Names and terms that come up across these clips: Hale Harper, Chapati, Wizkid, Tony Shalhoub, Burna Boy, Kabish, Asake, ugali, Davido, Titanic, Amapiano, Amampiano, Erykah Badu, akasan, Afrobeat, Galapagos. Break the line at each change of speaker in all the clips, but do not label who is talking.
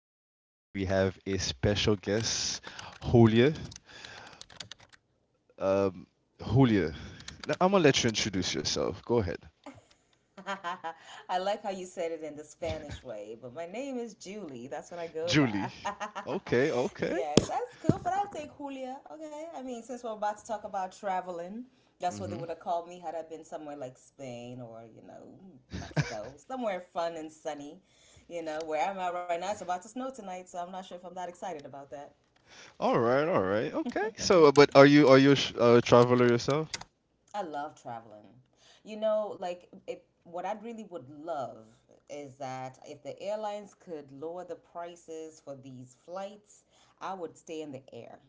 today we have a special guest, Julia. Um, Julia, I'm gonna let you introduce yourself. Go ahead.
I like how you said it in the Spanish way, but my name is Julie. That's what I go by.
Julie. Okay, okay.
Yes, that's cool, but I'll take Julia. Okay. I mean, since we're about to talk about traveling, that's what they
Mm-hmm.
would have called me had I been somewhere like Spain or, you know, Mexico, somewhere fun and sunny. You know, where I'm at right now, it's about to snow tonight, so I'm not sure if I'm that excited about that.
All right, all right. Okay. So, but are you a traveler yourself?
I love traveling. You know, like it, what I really would love is that if the airlines could lower the prices for these flights, I would stay in the air.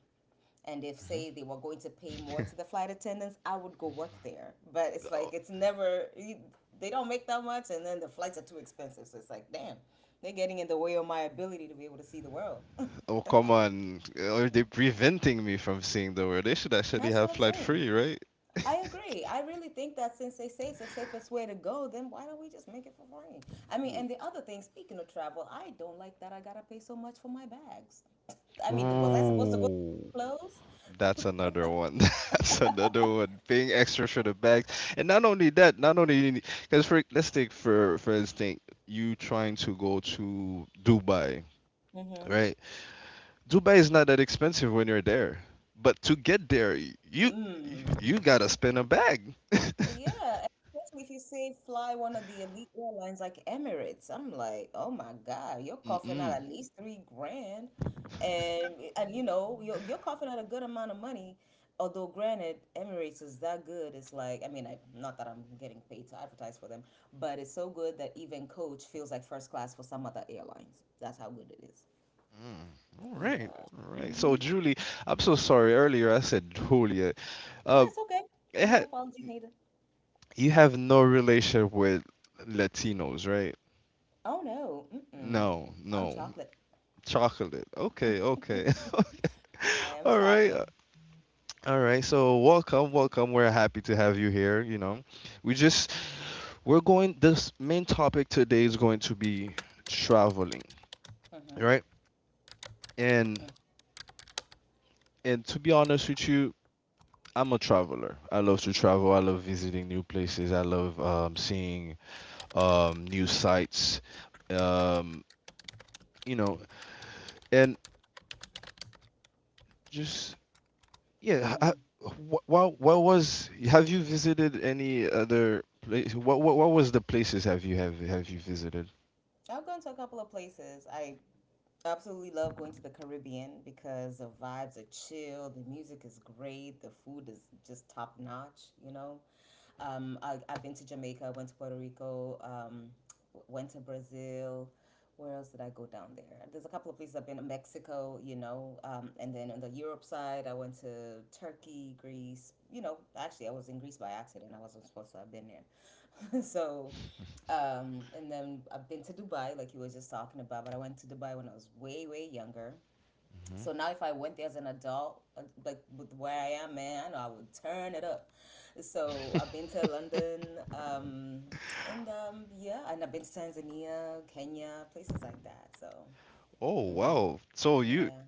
And if
Hmm.
say they were going to pay more to the flight attendants, I would go work there. But it's
Oh,
like it's never you- they don't make that much, and then the flights are too expensive. So it's like, damn, they're getting in the way of my ability to be able to see the world.
oh, come on. Are they preventing me from seeing the world? They should actually
That's
have
what I'm
flight
saying.
free, right?
I agree. I really think that since they say it's the safest way to go, then why don't we just make it for free? I mean, and the other thing, speaking of travel, I don't like that I gotta pay so much for my bags. I mean, was I supposed to go
Ooh.
clothes?
That's another one. That's another one. Paying extra for the bags, and not only that, not only because for let's take for instance, you trying to go to Dubai,
Mm-hmm.
right? Dubai is not that expensive when you're there, but to get there, y- you
Mm.
you, gotta spend a bag.
Yeah, especially if you say fly one of the elite airlines like Emirates. I'm like, oh my God, you're
Mm-mm.
coughing out
Mm.
at least 3 grand. And you know, you're coughing out a good amount of money. Although granted, Emirates is that good. It's like, I mean, I not that I'm getting paid to advertise for them, but it's so good that even coach feels like first class for some other airlines. That's how good it is.
All right,
Yeah.
all right. So
Mm-hmm.
Julie, I'm so sorry. Earlier I said Julia.
Yeah,
Uh,
it's okay.
it ha
No apologies needed.
you have no relation with Latinos, right?
Oh no. Mm-mm.
No,
I'm
no.
chocolate.
Chocolate. Okay, okay.
I am
All right.
chocolate.
All right. So welcome, welcome. We're happy to have you here. We just we're going This main topic today is going to be traveling,
Mm-hmm,
right? And and to be honest with you, I'm a traveler. I love to travel. I love visiting new places. I love seeing new sites. Um, you know, and just Yeah. I,
mm-hmm.
wh- what was Have you visited any other place? What was the places have you visited?
I've gone to a couple of places. I absolutely love going to the Caribbean because the vibes are chill, the music is great, the food is just top notch, you know. I've been to Jamaica, went to Puerto Rico, went to Brazil. Where else did I go down there? There's a couple of places I've been to Mexico, and then on the Europe side, I went to Turkey, Greece. You know, actually, I was in Greece by accident. I wasn't supposed to have been there. so and then I've been to Dubai, like you were just talking about, but I went to Dubai when I was way, way younger.
Hmm.
So now if I went there as an adult, like with where I am, man, I know I would turn it up. So I've been to London, and yeah, and I've been to Tanzania, Kenya, places like that. So,
Oh
hmm
wow!
yeah.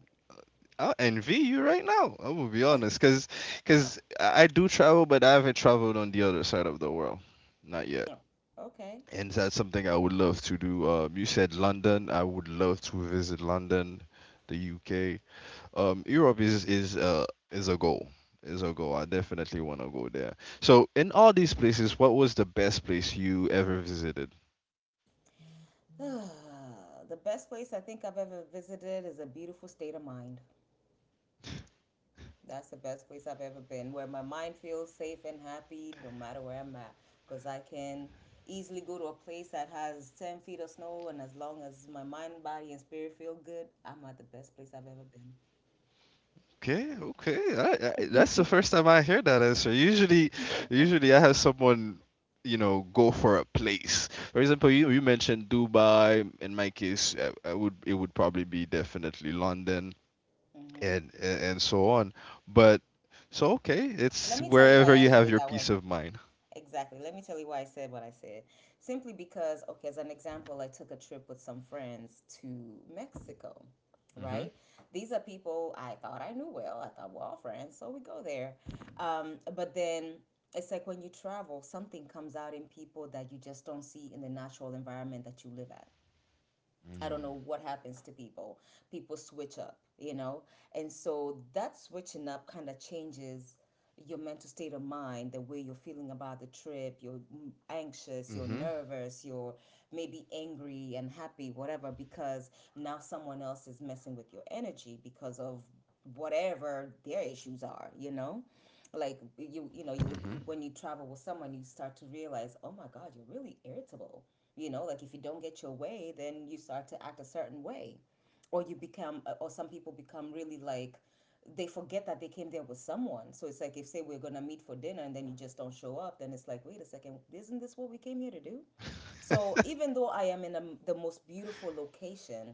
I envy you right now. I will be honest, cause I do travel, but I haven't traveled on the other side of the world, not yet.
Oh, okay.
And that's something I would love to do. You said London. I would love to visit London, the UK. Europe is a goal. Is a goal. I definitely want to go there. So in all these places, what was the best place you ever visited?
The best place I think I've ever visited is a beautiful state of mind. That's the best place I've ever been, where my mind feels safe and happy no matter where I'm at. Because I can easily go to a place that has 10 feet of snow, and as long as my mind, body, and spirit feel good, I'm at the best place I've ever been.
Okay, okay. That's the first time I hear that answer. Usually I have someone, you know, go for a place. For example, you mentioned Dubai. In my case, I would it would probably be definitely London and
Hmm.
and, and so on. But so okay,
Let
it's
me tell you why
wherever
I
you
answered
have
it
your
that
peace
way.
of mind.
Exactly. Let me tell you why I said what I said. Simply because, okay, as an example, I took a trip with some friends to Mexico,
Mm-hmm.
right? These are people I thought I knew well. I thought we're all friends, so we go there. But then it's like when you travel, something comes out in people that you just don't see in the natural environment that you live at. I don't know what happens to people. People switch up, you know? And so that switching up kind of changes your mental state of mind, the way you're feeling about the trip. You're anxious, you're
Mm.
nervous, you're maybe angry and happy, whatever, because now someone else is messing with your energy because of whatever their issues are, you know? like you you know you, you
Hmm.
when you travel with someone you start to realize, oh my god, you're really irritable, you know, like if you don't get your way then you start to act a certain way, or you become or some people become really like they forget that they came there with someone, so it's like if say we're gonna meet for dinner and then you just don't show up, then it's like, wait a second, isn't this what we came here to do? So even though I am in the most beautiful location,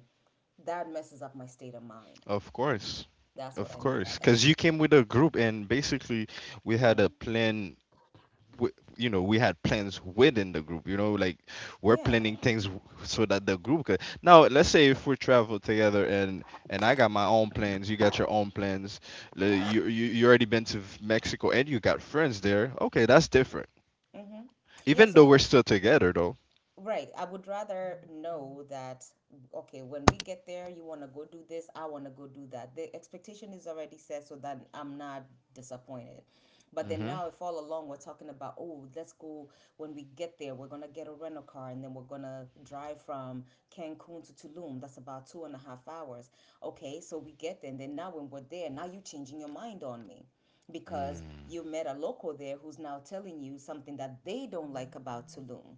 that messes up my state of mind.
Of course.
That's what
Of
I mean by
course.
that.
Because you came with a group, and basically, we had a plan. You know, we had plans within the group. You know, like we're planning
Yeah.
things so that the group could. Now, let's say if we travel together, and I got my own plans, you got your own plans. You already been to Mexico, and you got friends there. Okay, that's different.
Mm-hmm. yeah,
Even
so
though we're
for
still together, though.
Right. I would rather know that, okay, when we get there, you want to go do this, I want to go do that. The expectation is already set so that I'm not disappointed. But then
Mm-hmm.
now, if all along we're talking about, oh, let's go, when we get there, we're going to get a rental car and then we're going to drive from Cancun to Tulum. That's about 2.5 hours. Okay, so we get there. And then now, when we're there, now you're changing your mind on me because you
Mm.
met a local there who's now telling you something that they don't like about Tulum,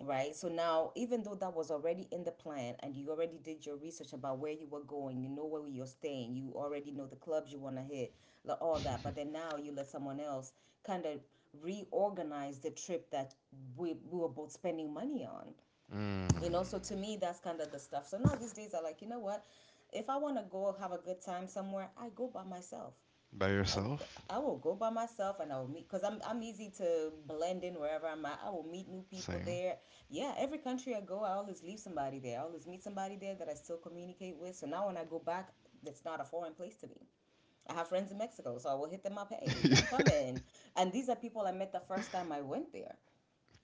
right? So now, even though that was already in the plan and you already did your research about where you were going, you know where you're staying, you already know the clubs you want to hit, like all that, but then now you let someone else kind of reorganize the trip that we were both spending money on, you know? So to
Mm.
me, that's kind of the stuff. So now these days, I like, you know what? If I want to go have a good time somewhere, I go by myself.
By
I,
yourself?
I will go by myself, and I will meet, because I'm easy to blend in wherever I'm at. I will meet new people
Same.
there. Yeah, every country I go, I always leave somebody there. I always meet somebody there that I still communicate with. So now when I go back, it's not a foreign place to me. I have friends in Mexico, so I will hit them up. Hey, I'm coming. And these are people I met the first time I went there.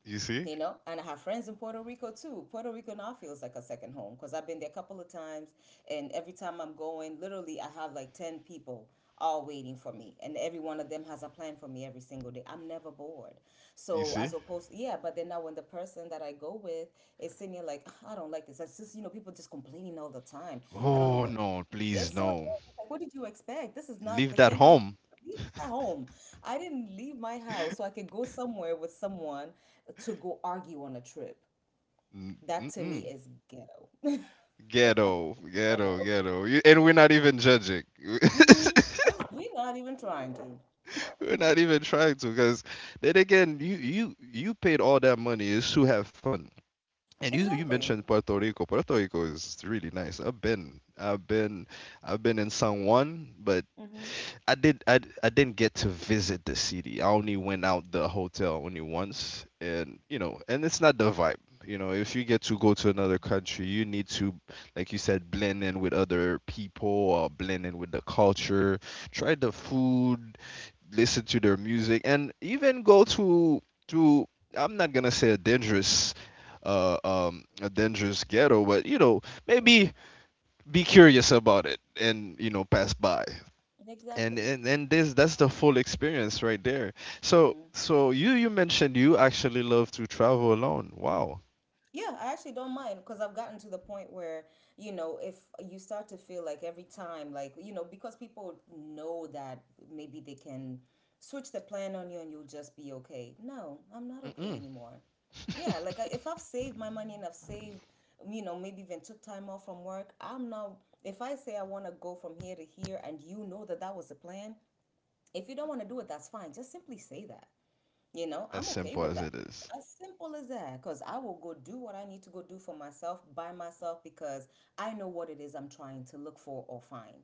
You see?
You know, and I have friends in Puerto Rico too. Puerto Rico now feels like a second home because I've been there a couple of times, and every time I'm going, literally I have like 10 people all waiting for me, and every one of them has a plan for me every single day. I'm never bored.
You
So as
see?
opposed, yeah, but then now when the person that I go with is sitting here like, "Ah, I don't like this," that's just, you know, people just complaining all the time, I don't know
Oh
what,
no, please
it's so, it's
no.
like, what did you expect? This is not
Leave
the
that
same place.
home.
Leave that at home. I didn't leave my house so I could go somewhere with someone to go argue on a trip.
Mm.
That to me
Mm-mm.
is ghetto.
Ghetto, ghetto,
Ghetto.
ghetto. And we're not even judging.
Mm-hmm. We're not even trying to.
We're not even trying to, because then again, you paid all that money is to have fun. And you
Exactly.
mentioned Puerto Rico. Puerto Rico is really nice. I've been in San Juan, but I did I d- I didn't get to visit the city. I only went out the hotel only once, and it's not the vibe. You know, if you get to go to another country, you need to, like you said, blend in with other people or blend in with the culture, try the food, listen to their music, and even go to I'm not going to say a dangerous ghetto, but you know, maybe be curious about it and pass by.
Exactly.
And this That's the full experience right there. So you mentioned you actually love to travel alone. Wow.
Yeah, I actually don't mind because I've gotten to the point where, you know, if you start to feel like every time, like, you know, because people know that maybe they can switch the plan on you and you'll just be okay. No, I'm not okay
Mm-mm.
anymore. If I've saved my money and I've saved, you know, maybe even took time off from work, I'm not, if I say I want to go from here to here and you know that that was the plan, if you don't want to do it, that's fine. Just simply say that. You know,
As
I'm okay
simple
with
as
that.
it is.
As simple as that, because I will go do what I need to go do for myself by myself because I know what it is I'm trying to look for or find,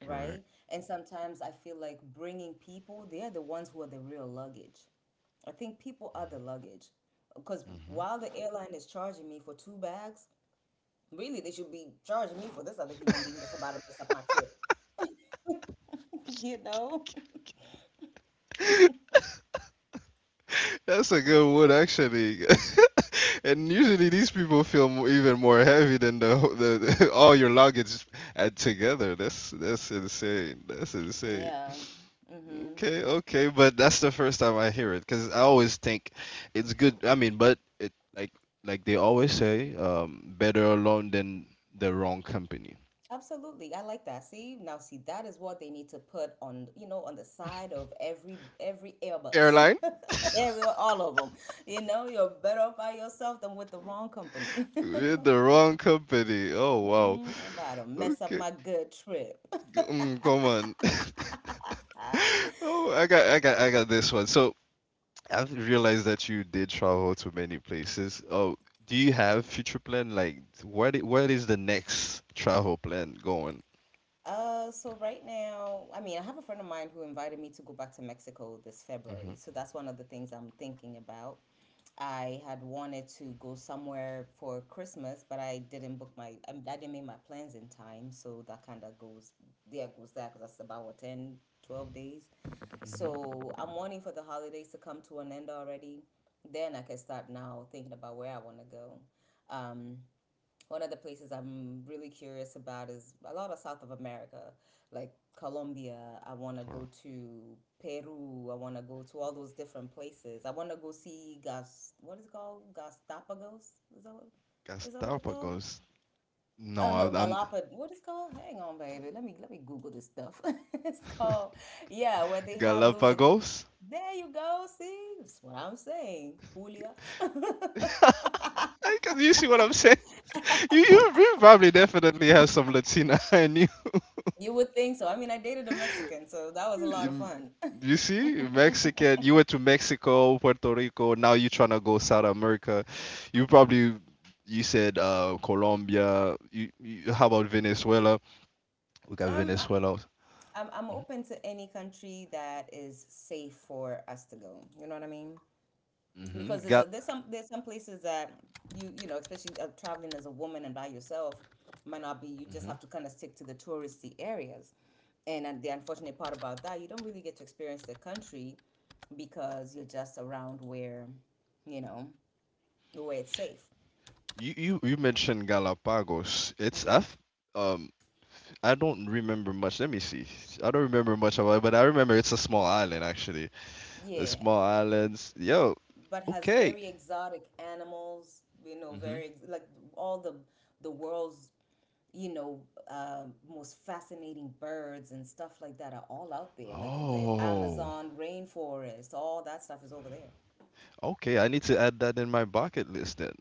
Correct.
right? And sometimes I feel like bringing people, they're the ones who are the real luggage. I think people are the luggage because
Hmm.
while the airline is charging me for two bags, really they should be charging me for this other human being that's about to mess up my trip, you know?
That's a good one, actually. And usually these people feel even more heavy than the, all your luggage at together. that's insane. That's insane.
Yeah. Mm-hmm.
Okay, okay, but that's the first time I hear it because I always think it's good. I mean, but it, like they always say, better alone than the wrong company.
Absolutely. I like that. See, now see that is what they need to put on, you know, on the side of every Airbus.
Caroline,
Every all of them. You know, you're better off by yourself than with the wrong company.
we're the wrong company. Oh wow.
Mm-hmm. About to mess up
Okay,
my good trip.
come on. Oh, I got this one. So I've realized that you did travel to many places. Oh, do you have future plan? Like, what is the next travel plan going?
So right now, I mean, I have a friend of mine who invited me to go back to Mexico this February.
Mm-hmm.
So that's one of the things I'm thinking about. I had wanted to go somewhere for Christmas, but I didn't make my plans in time. So that kind of goes, there goes that, because that's about what, 10, 12 days.
Mm-hmm.
So I'm wanting for the holidays to come to an end already. Then I can start now thinking about where I want to go. Um, One of the places I'm really curious about is a lot of South of America, like Colombia. I want to go to Peru. I want to go to all those different places. I want to go see Gas. What is it called? Galapagos? Is that what? Is that what it's called?
Galápagos.
Oh
No,
no,
I'm
Galapagos. What is it called? Hang on, baby. Let me Google this stuff. It's called yeah, where they have those.
Galapagos.
There you go. See, that's what I'm saying, Julia.
I Can you see what I'm saying? You probably definitely have some Latina in you.
You would think so. I mean, I dated a Mexican, so that was a lot of
You
fun.
you see, Mexican. You went to Mexico, Puerto Rico. Now you trying to go South America. You probably you said Colombia. You how about Venezuela? We got
Um, I,
Venezuela.
I'm open to any country that is safe for us to go. You know what I mean?
Mm-hmm.
Because
Gal.
there's some places that you know, especially traveling as a woman and by yourself, might not be. You
Hmm.
just have to kind of stick to the touristy areas, and the unfortunate part about that, you don't really get to experience the country because you're just around where, you know, where it's safe.
You mentioned Galapagos. It's F. Um, I don't remember much. Let me see. I don't remember much about it, but I remember it's a small island actually. A
Yeah.
small islands. Yo,
But has
okay.
very exotic animals, you know,
Hmm.
like all the world's you know uh, most fascinating birds and stuff like that are all out there. Like the
Oh,
Amazon rainforest, all that stuff is over there.
okay. I need to add that in my bucket list then.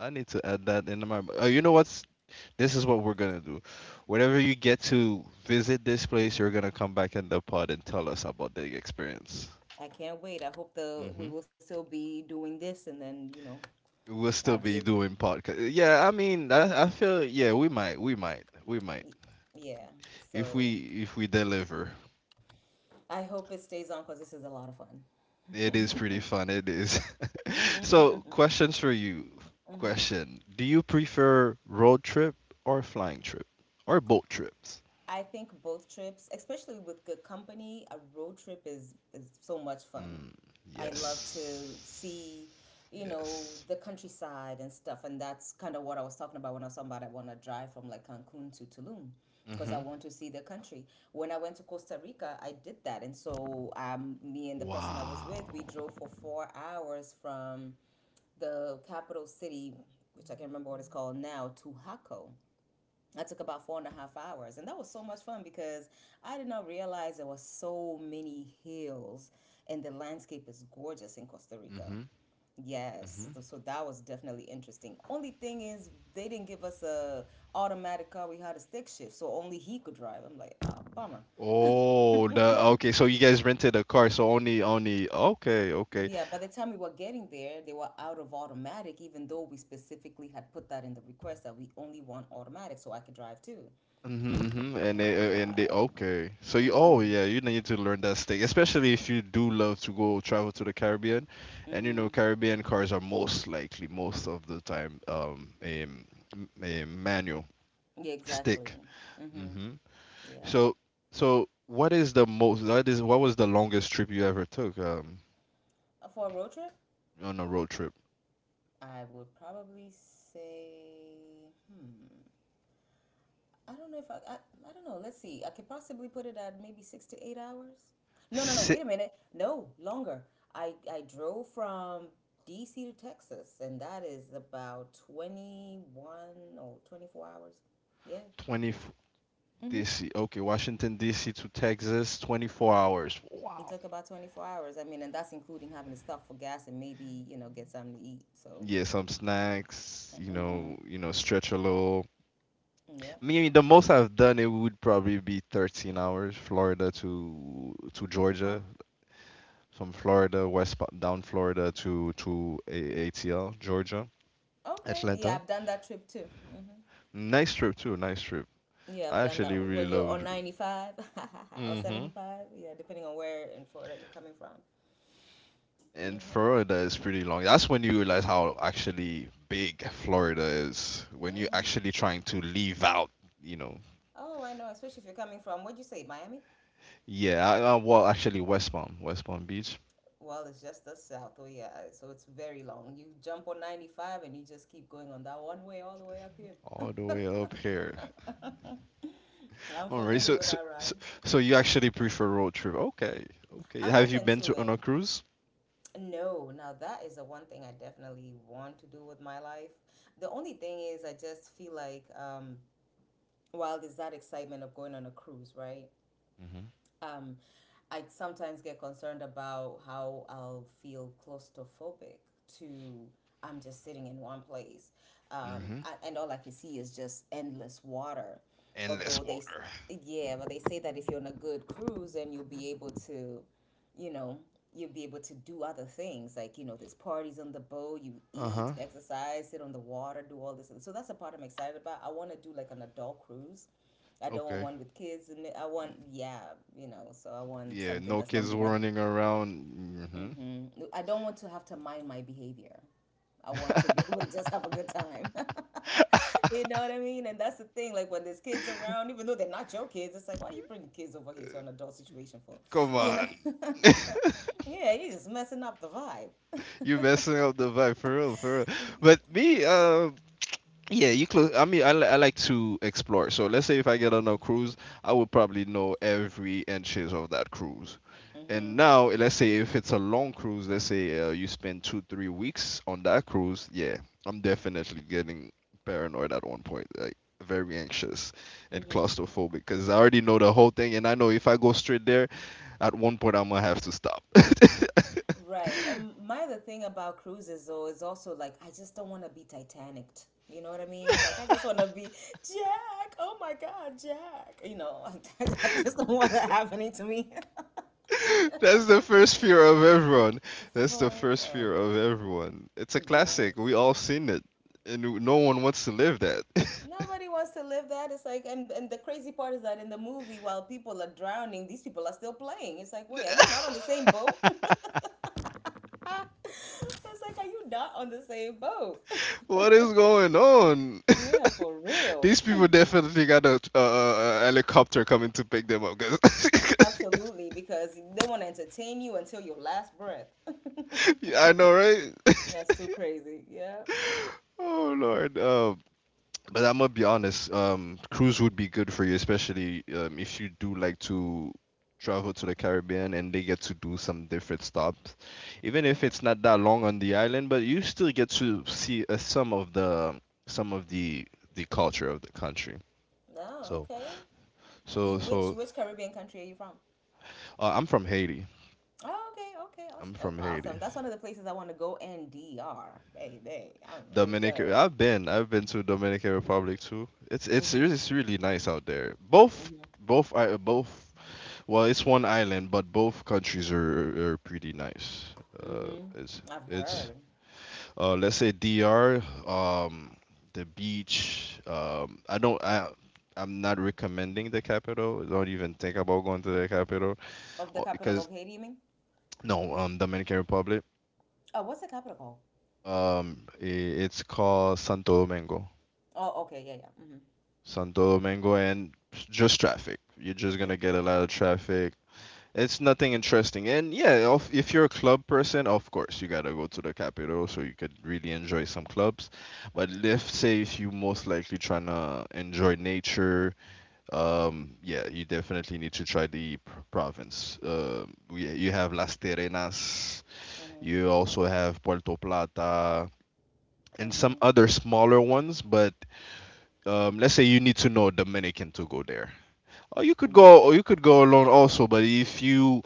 I need to add that in my. You know what's? This is what we're gonna do. Whenever you get to visit this place, you're gonna come back in the pod and tell us about the experience.
I can't wait. I hope the we
Hmm.
will still be doing this, and then you know
We'll
I'll
still
be able,
be doing podcast. Yeah, I mean, I feel yeah, we might.
yeah.
if
So
we if we deliver.
I hope it stays on because this is a lot of fun.
It is pretty fun, it is. So, questions for you. Question, do you prefer road trip or flying trip or boat trips?
I think both trips, especially with good company, a road trip is so much fun.
Mm,
I love to
yes.
see, you know,
Yes.
the countryside and stuff. And that's kind of what I was talking about when I was talking about I want to drive from like Cancun to Tulum because I
Hmm.
want to see the country. When I went to Costa Rica, I did that. And so me and the person I was with, we
Wow.
drove for 4 hours from the capital city, which I can't remember what it's called now, to Jaco I took about four and a half hours, and that was so much fun because I did not realize there were so many hills, and the landscape is gorgeous in Costa Rica.
Hmm.
Yes,
Hmm.
so that was definitely interesting. Only thing is, they didn't give us a automatic car. We had a stick shift, so only he could drive. I'm like, ah, bummer.
Oh, the okay. So you guys rented a car, so only, okay, okay.
Yeah, by the time we were getting there, they were out of automatic, even though we specifically had put that in the request that we only want automatic, so I could drive too.
Mm-hmm. Hmm. And they
I'm
uh, and they
like,
okay. So you Oh
mm-hmm,
yeah, you need to learn that steak, especially if you do love to go travel to the Caribbean, and
mm-hmm.
Caribbean cars are most likely most of the time a manual
Yeah, exactly.
stick.
Mm-hmm.
Mm-hmm.
Yeah.
So so what is the most that is what was the longest trip you ever took
For a road trip,
on a road trip?
I would probably say, hmm, I don't know if I, I don't know. Let's see. I could possibly put it at maybe 6 to 8 hours. No, no, no. Wait
Sit.
a minute. No, longer. I drove from DC to Texas, and that is about 21 or 24 hours. Yeah.
20
Mm-hmm.
DC. Okay, Washington DC to Texas, 24 hours.
It
Wow.
took about 24 hours. I mean, and that's including having to stop for gas and maybe, you know, get something to eat. So,
Yeah, some snacks, you
mm-hmm.
know, stretch a little.
Yeah.
I mean, the most I've done it would probably be 13 hours, Florida to
Huh?
Georgia, from Florida down Florida to ATL, Georgia,
Okay. Yeah,
Atlanta.
I've done that trip too. Hmm
Nice trip too, nice trip.
Yeah, I've
I
done
actually
that
really
when you're on
loved.
95 or
Mm-hmm.
75. Yeah, depending on where in Florida you're coming from.
And
Hmm
Florida is pretty long. That's when you realize how actually big Florida is when you're
hmm
actually trying to leave out, you know.
Oh, I know. Especially if you're coming from, what'd you say, Miami?
Yeah, well, actually, West Palm Beach.
Well, it's just the south. Oh, yeah. I- So it's very long. You jump on 95 and you just keep going on that one way all the way up here.
All the way up here.
I'm
All right.
familiar
So,
with
so,
that
so,
ride.
so you actually prefer road trip? Okay. Okay.
I'm
Have you
open
been
to
to on
it.
a cruise?
No, now that is the one thing I definitely want to do with my life. The only thing is, I just feel like while there's that excitement of going on a cruise, right?
Hmm.
Um, I sometimes get concerned about how I'll feel claustrophobic to I'm just sitting in one place,
Mm-hmm.
and all I can see is just endless water.
Endless
Although they, s-
water.
yeah, but they say that if you're on a good cruise, then you know, you'll be able to do other things like you know there's parties on the boat you eat
Uh-huh.
exercise sit on the water do all this so that's the part I'm excited about. I want to do like an adult cruise. I don't want
Okay.
one with kids and I want, yeah, you know, so I want
Yeah.
something
No
that's gonna
kids
be nice.
running around.
Mm-hmm. I don't want to have to mind my behavior. I want to be able to just have a good
Mm-hmm.
time. You know what I mean? And that's the thing. Like when there's kids around, even though they're not your kids, it's like, why you bringing kids over here to an adult situation for?
Come
You
on.
know? Yeah, you're just messing up the vibe.
You messing up the vibe for real, for real. But me, uh, Yeah, you close. I mean, I like to explore. So let's say if I get on a cruise, I would probably know every inches of that cruise.
Hmm
And now, let's say if it's a long cruise, let's say you spend 2, 3 weeks on that cruise. Yeah, I'm definitely getting paranoid at one point, like very anxious and
hmm
claustrophobic because I already know the whole thing, and I know if I go straight there, at one point I'm gonna have to stop.
Right. And my other thing about cruises though is also like I just don't want to be Titaniced. You know what I mean? Like I just want to be Jack. Oh my God, Jack. You know, I just don't want that happening to me. You know?
That's the first fear of everyone. That's the
For
first
oh,
fear of everyone. It's a classic.
yes.
We all seen it, and no one wants to live that.
Nobody wants to live that. It's like, and the crazy part is that in the movie, while people are drowning, these people are still playing. It's like, wait, are you not on the same boat? It's like, are you not on the same boat?
What is going on?
Yeah, for real.
These people definitely got a helicopter coming to pick them up. 'Cause
Absolutely, because they want to entertain you until your last breath.
I know, right?
That's too crazy. Yeah.
Oh Lord. But I'm gonna be honest, cruise would be good for you, especially if you do like to travel to the Caribbean and they get to do some different stops. Even if it's not that long on the island, but you still get to see some of the culture of the country.
Oh,
So
okay.
so
You,
so
which Caribbean country are you from?
I'm from Haiti.
Oh, okay, okay,
I'm
awes- okay,
from
awesome.
Haiti.
That's one of the places I want to go. And NDR, baby, I'm ready to
Dominican.
go.
I've been to Dominican Republic too. It's it's
Mhm,
re- it's really nice out there. Both
mhm,
both are both Well, it's one island, but both countries are pretty nice. Uh,
mhm.
it's
I've
it's
heard
Let's say DR, um, the beach. I don't. I'm not recommending the capital. Don't even think about going to the capital.
of the
Oh,
capital
because
of Haiti. You mean?
no, Dominican Republic.
Oh, what's the capital called?
I It's called Santo Domingo.
Oh, okay, yeah, yeah.
Santo Domingo, and just traffic. You're just
Mhm,
gonna get a lot of traffic. It's nothing interesting. And yeah, if you're a club person, of course, you gotta go to the capital so you could really enjoy some clubs. But
mhm,
let's say if you most likely trying to enjoy nature, yeah, you definitely need to try the province. Yeah, you have Las Terrenas,
mhm,
you also have Puerto Plata, and some
mhm,
other smaller ones. But let's say you need to know a Dominican to go there. Or you could
mhm, mhm.
go, or you could go alone also. But if you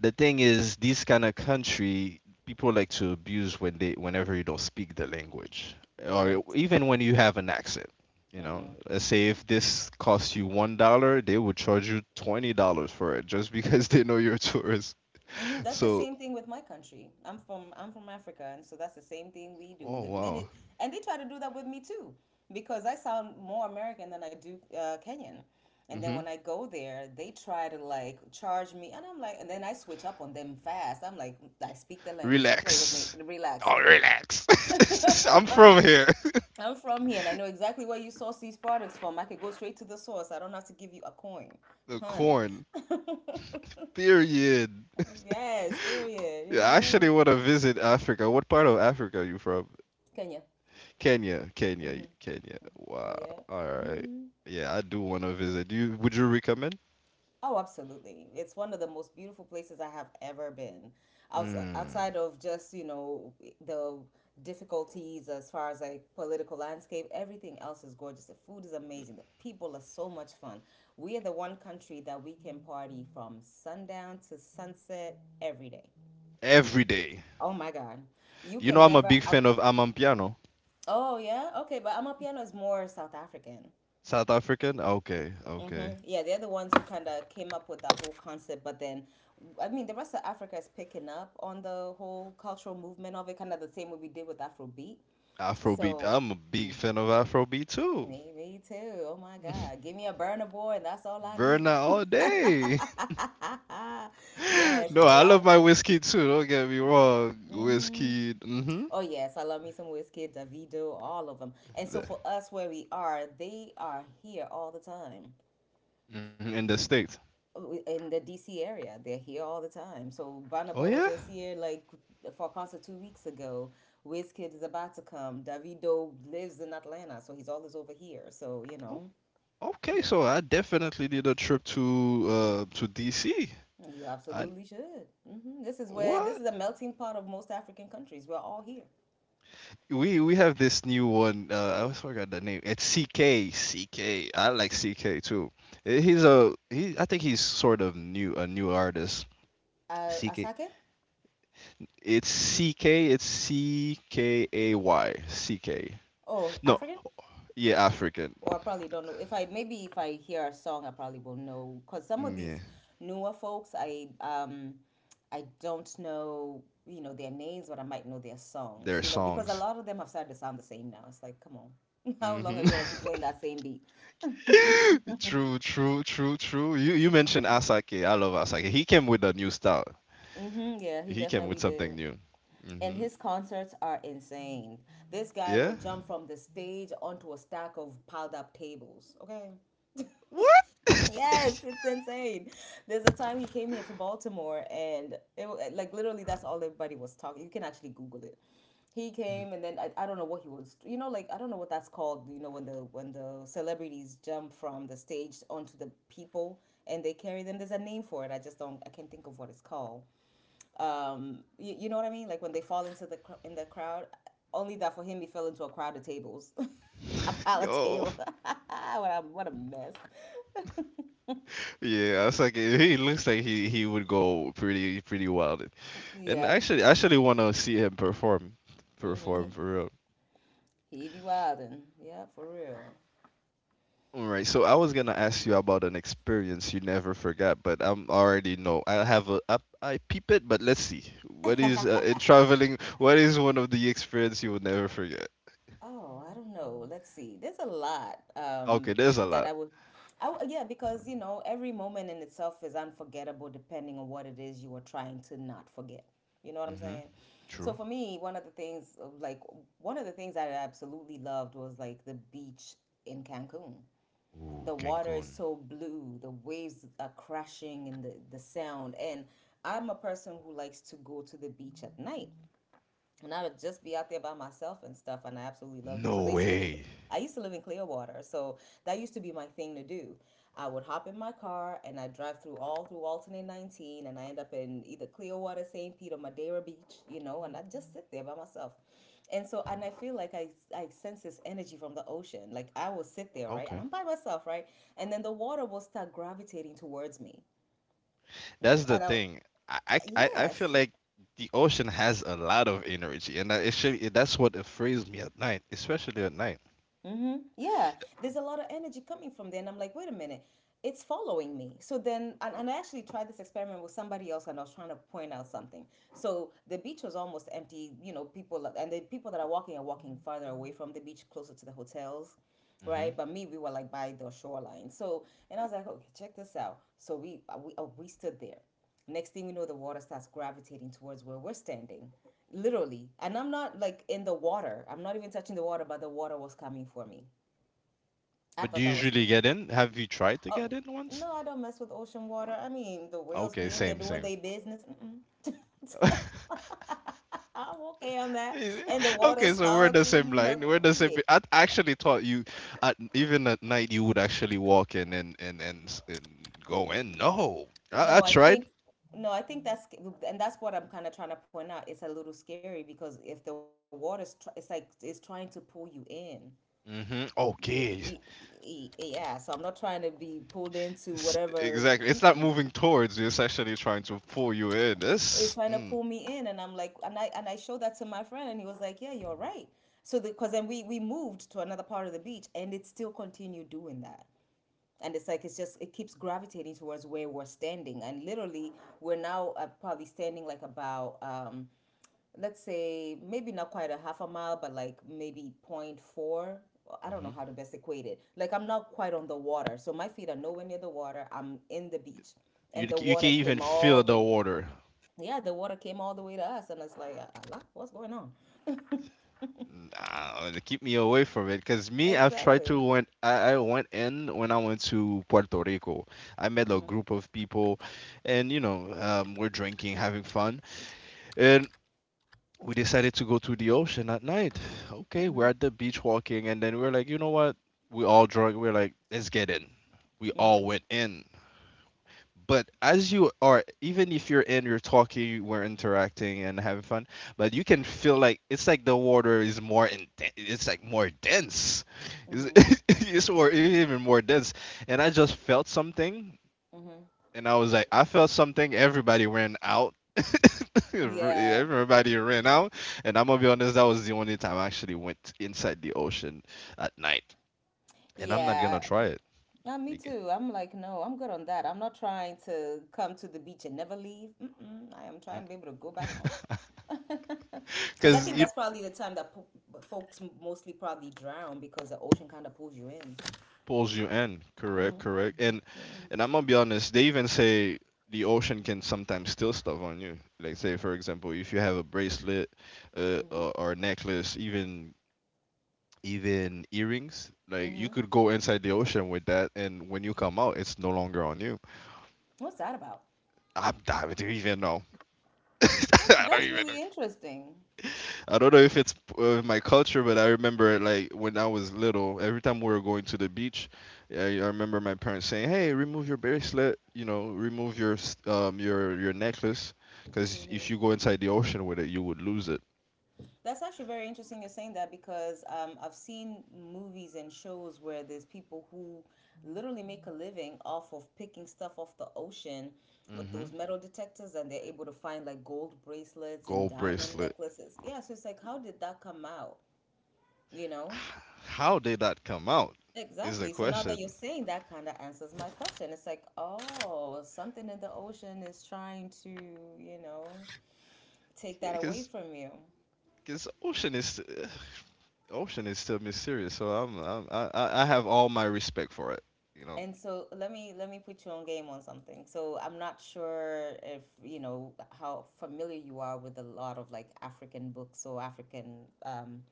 the thing is this kind of country people like to abuse when they whenever you don't speak the language or
Right.
even when you have an accent. You know,
Mhm.
let's say if this costs you $1, they would charge you $20 for it just because they know you're a tourist.
hmm That's the
So,
same thing with my country. I'm from Africa, and so that's the same thing we do.
oh
The
wow.
minute, and they try to do that with me too, because I sound more American than I do Kenyan. And then
Hmm.
when I go there, they try to like charge me, and I'm like, and then I switch up on them fast. I'm like, I speak the language. Don't play with me.
Relax.
Relax.
Oh,
Don't play with me.
relax. I'm from here.
I'm from here, and I know exactly where you source these products from. I could go straight to the source. I don't have to give you a coin,
The
honey.
corn. Period.
Yes. Period. You
Yeah, I
know,
actually want to visit Africa. What part of Africa are you from?
Kenya.
Kenya, Kenya, Kenya. Wow.
Yeah.
All right.
hmm
Yeah, I do want to visit. Do you, would you recommend?
Oh, absolutely. It's one of the most beautiful places I have ever been.
Mm.
Outside of just, you know, the difficulties as far as like political landscape, everything else is gorgeous. The food is amazing. The people are so much fun. We are the one country that we can party from sundown to sunset every day.
Every day.
Oh my God. You
You know,
can
I'm a
never
big fan
out.
of Amampiano.
Oh, yeah? Okay, but Amapiano is more South African.
South African. Okay, okay.
Mhm. Yeah, they're the ones who kind of came up with that whole concept, but then, I mean, the rest of Africa is picking up on the whole cultural movement of it, kind of the same way we did with Afrobeat.
Afrobeat.
So
I'm a big fan of Afrobeat too.
maybe too. Oh my God, give me a burner boy, and that's all I need.
Burner all day.
Yes,
No,
it's a
I
lot
love
of
my
fun.
whiskey too. Don't get me wrong.
Hmm
Whiskey. Hmm.
Oh yes, I love me some whiskey, Davido, all of them. And so for us, where we are, they are here all the time.
Hmm. In the states.
In the DC area. They're here all the time. So Burna
Oh
Boy was
yeah.
just here like for a concert 2 weeks ago. Wizkid is about to come. Davido lives in Atlanta, so he's always over here. So you
Oh,
know,
okay.
yeah,
So I definitely did a trip to DC.
you
I.
absolutely should. Hmm This is where this
What?
is a melting pot of most African countries. We're all here.
We have this new one. I always forgot the name. It's CKCK. I like CK too. He's a he. I think he's sort of new, a new artist. CK.
Asake?
It's CK. It's CKAY. C K.
Oh,
No.
African?
Yeah, African.
Or I probably don't know. If I maybe if I hear a song, I probably will know. Cause some of
Mm, yeah.
these newer folks, I don't know, you know, their names, but I might know their songs.
Their
You know, because a
songs.
lot of them have started to sound the same now. It's like, come on, how long are
Hmm.
you gonna keep playing that same beat?
True, true, true, true. You mentioned Asake. I love Asake. He came with a new style.
Yeah, he
He came with
definitely did.
something new.
And
Hmm.
his concerts are insane. This guy will
Yeah.
jump from the stage onto a stack of piled up tables. Okay.
What?
Yes, it's insane. There's a time he came here to Baltimore, and like literally that's all everybody was talking. You can actually Google it. He came, and then I don't know what he was. You know, like I don't know what that's called. You know, when the celebrities jump from the stage onto the people and they carry them. There's a name for it. I just don't. I can't think of what it's called. You know what I mean? Like when they fall into in the crowd. Only that for him, he fell into a crowd of tables. A pile of
Yo,
table. What a mess.
yeah, it's like he looks like he would go pretty pretty wild, and
Yeah.
actually I actually want to see him perform,
Mm-hmm. He
perform for real.
he be wildin'. Yeah, for real.
All right, so I was gonna ask you about an experience you never forgot, but I'm already know I have I peep it, but let's see what is in traveling. What is one of the experience you would never forget?
Oh, I don't know. Let's see. There's a lot
Okay,
um,
there's a
that
lot.
I would. Yeah, because you know every moment in itself is unforgettable, depending on what it is you are trying to not forget. You know what I'm
Mm-hmm.
saying? So
True.
for me, one of the things, like one of the things that I absolutely loved was like the beach in Cancun.
Ooh,
The water is
Cancun.
so blue, the waves are crashing, and the sound. And I'm a person who likes to go to the beach at night, and I would just be out there by myself and stuff. And I absolutely loved,
No
because I used to live in
way.
I used to live in Clearwater, so that used to be my thing to do. I would hop in my car and I would drive through all through Alton and 19, and I end up in either Clearwater, St. Pete, or Madeira Beach, you know, and I just sit there by myself. And so, and I feel like I sense this energy from the ocean. Like I will sit there, right? And I'm by myself, right? And then the water will start gravitating towards me.
That's the
And I,
thing. I feel
yes.
like the ocean has a lot of energy, and that it should, that's what afrays me at night, especially at night.
Mm-hmm. Yeah, there's a lot of energy coming from there, and I'm like, wait a minute, it's following me. So then, and I actually tried this experiment with somebody else, and I was trying to point out something. So the beach was almost empty, you know, people, and the people that are walking farther away from the beach, closer to the hotels,
Hmm.
right? But me, we were like by the shoreline. So, and I was like, okay, check this out. So we stood there. Next thing we know, the water starts gravitating towards where we're standing, literally. And I'm not like in the water. I'm not even touching the water, but the water was coming for me. I
But do
thought
you
that was
usually get in? Have you tried to
oh,
get in once?
no, I don't mess with ocean water. I mean, the whales
Okay,
be in there
same,
doing
same.
their business. Mm-mm. I'm okay on that.
Is it-
And the water
okay,
is
so we're the
salty.
same
No,
line. We're the same.
yeah.
I actually thought you, at, even at night, you would actually walk in and go in. No,
No,
I
I
tried.
think no, I think that's and that's what I'm kind of trying to point out. It's a little scary because if the water's tr it's like it's trying to pull you in.
Mm-hmm.
Y- y-
Okay,
Yeah, so I'm not trying to be pulled into whatever.
Exactly. It's not
Mm-mm.
moving towards you. It's actually trying to pull you in.
It's
This,
trying to
mm,
pull me in, and I'm like, and I showed that to my friend, and he was like, "Yeah, you're right." So because then we moved to another part of the beach, and it still continued doing that. And it's like it keeps gravitating towards where we're standing, and literally we're now probably standing like about, let's say maybe not quite a 1/2 a mile, but like maybe point four. I don't know
hmm,
how to best equate it. Like I'm not quite on the water, so my feet are nowhere near the water. I'm in the beach, and the
you can
water
even
came all
feel
the
the water.
yeah the water came all the way to us, and it's like Allah, what's going on.
Nah, to keep me away from it. Cause me, I've tried
Exactly.
to went. I went in when I went to Puerto Rico. I met a group of people, and you know, we're drinking, having fun, and we decided to go to the ocean at night. Okay,
Mm-hmm.
we're at the beach walking, and then we're like, you know what? We all drunk. We're like, let's get in. We all
Mm-hmm.
went in, but as you are, even if you're in, you're talking, you we're interacting and having fun, but you can feel like it's like the water is more intense, it's like more dense.
Mm-hmm.
It's, it's more, even more dense, and I just felt something. And I was like, I felt something. Everybody ran out.
Yeah.
Everybody ran out. And I'm gonna be honest, that was the only time I actually went inside the ocean at night, and I'm not gonna
Yeah.
try it
Me
again
too. I'm like, no, I'm good on that. I'm not trying to come to the beach and never leave. Mm-mm, I am trying to be able to go back home. Because I
because
think that's probably the time that folks mostly probably drown because the ocean kind of pulls you in.
pulls you in. Correct,
Mm.
correct.
Yeah.
And I'm gonna be honest, they even say the ocean can sometimes steal stuff on you. Like say for example, if you have a bracelet,
Mm-hmm.
or a necklace, even even earrings, like you
Mm-hmm.
could go inside the ocean with that, and when you come out, it's no longer on you.
What's that about?
I don't even know. I don't
That's
even know.
really interesting.
I don't know if it's my culture, but I remember like when I was little, every time we were going to the beach, I remember my parents saying, "Hey, remove your bracelet, you know, remove your your necklace, because if you go inside the ocean with it, you would lose it."
That's actually very interesting you're saying that because I've seen movies and shows where there's people who literally make a living off of picking stuff off the ocean with those
Hmm.
metal detectors, and they're able to find like gold bracelets and
Gold
diamond
bracelet.
necklaces. Yeah, so it's like, how did that come out? You
H-
know?
How did that come out? Is the
Exactly. So now that you're
question.
saying that kind of answers my question. It's like, oh, something in the ocean is trying to, you know, take that
Because
away from you.
because ocean is ugh, ocean is still mysterious, so I'm I have all my respect for it, you
And so let me put you on game on something. So I'm not sure if you know how familiar you are with a lot of like African books or African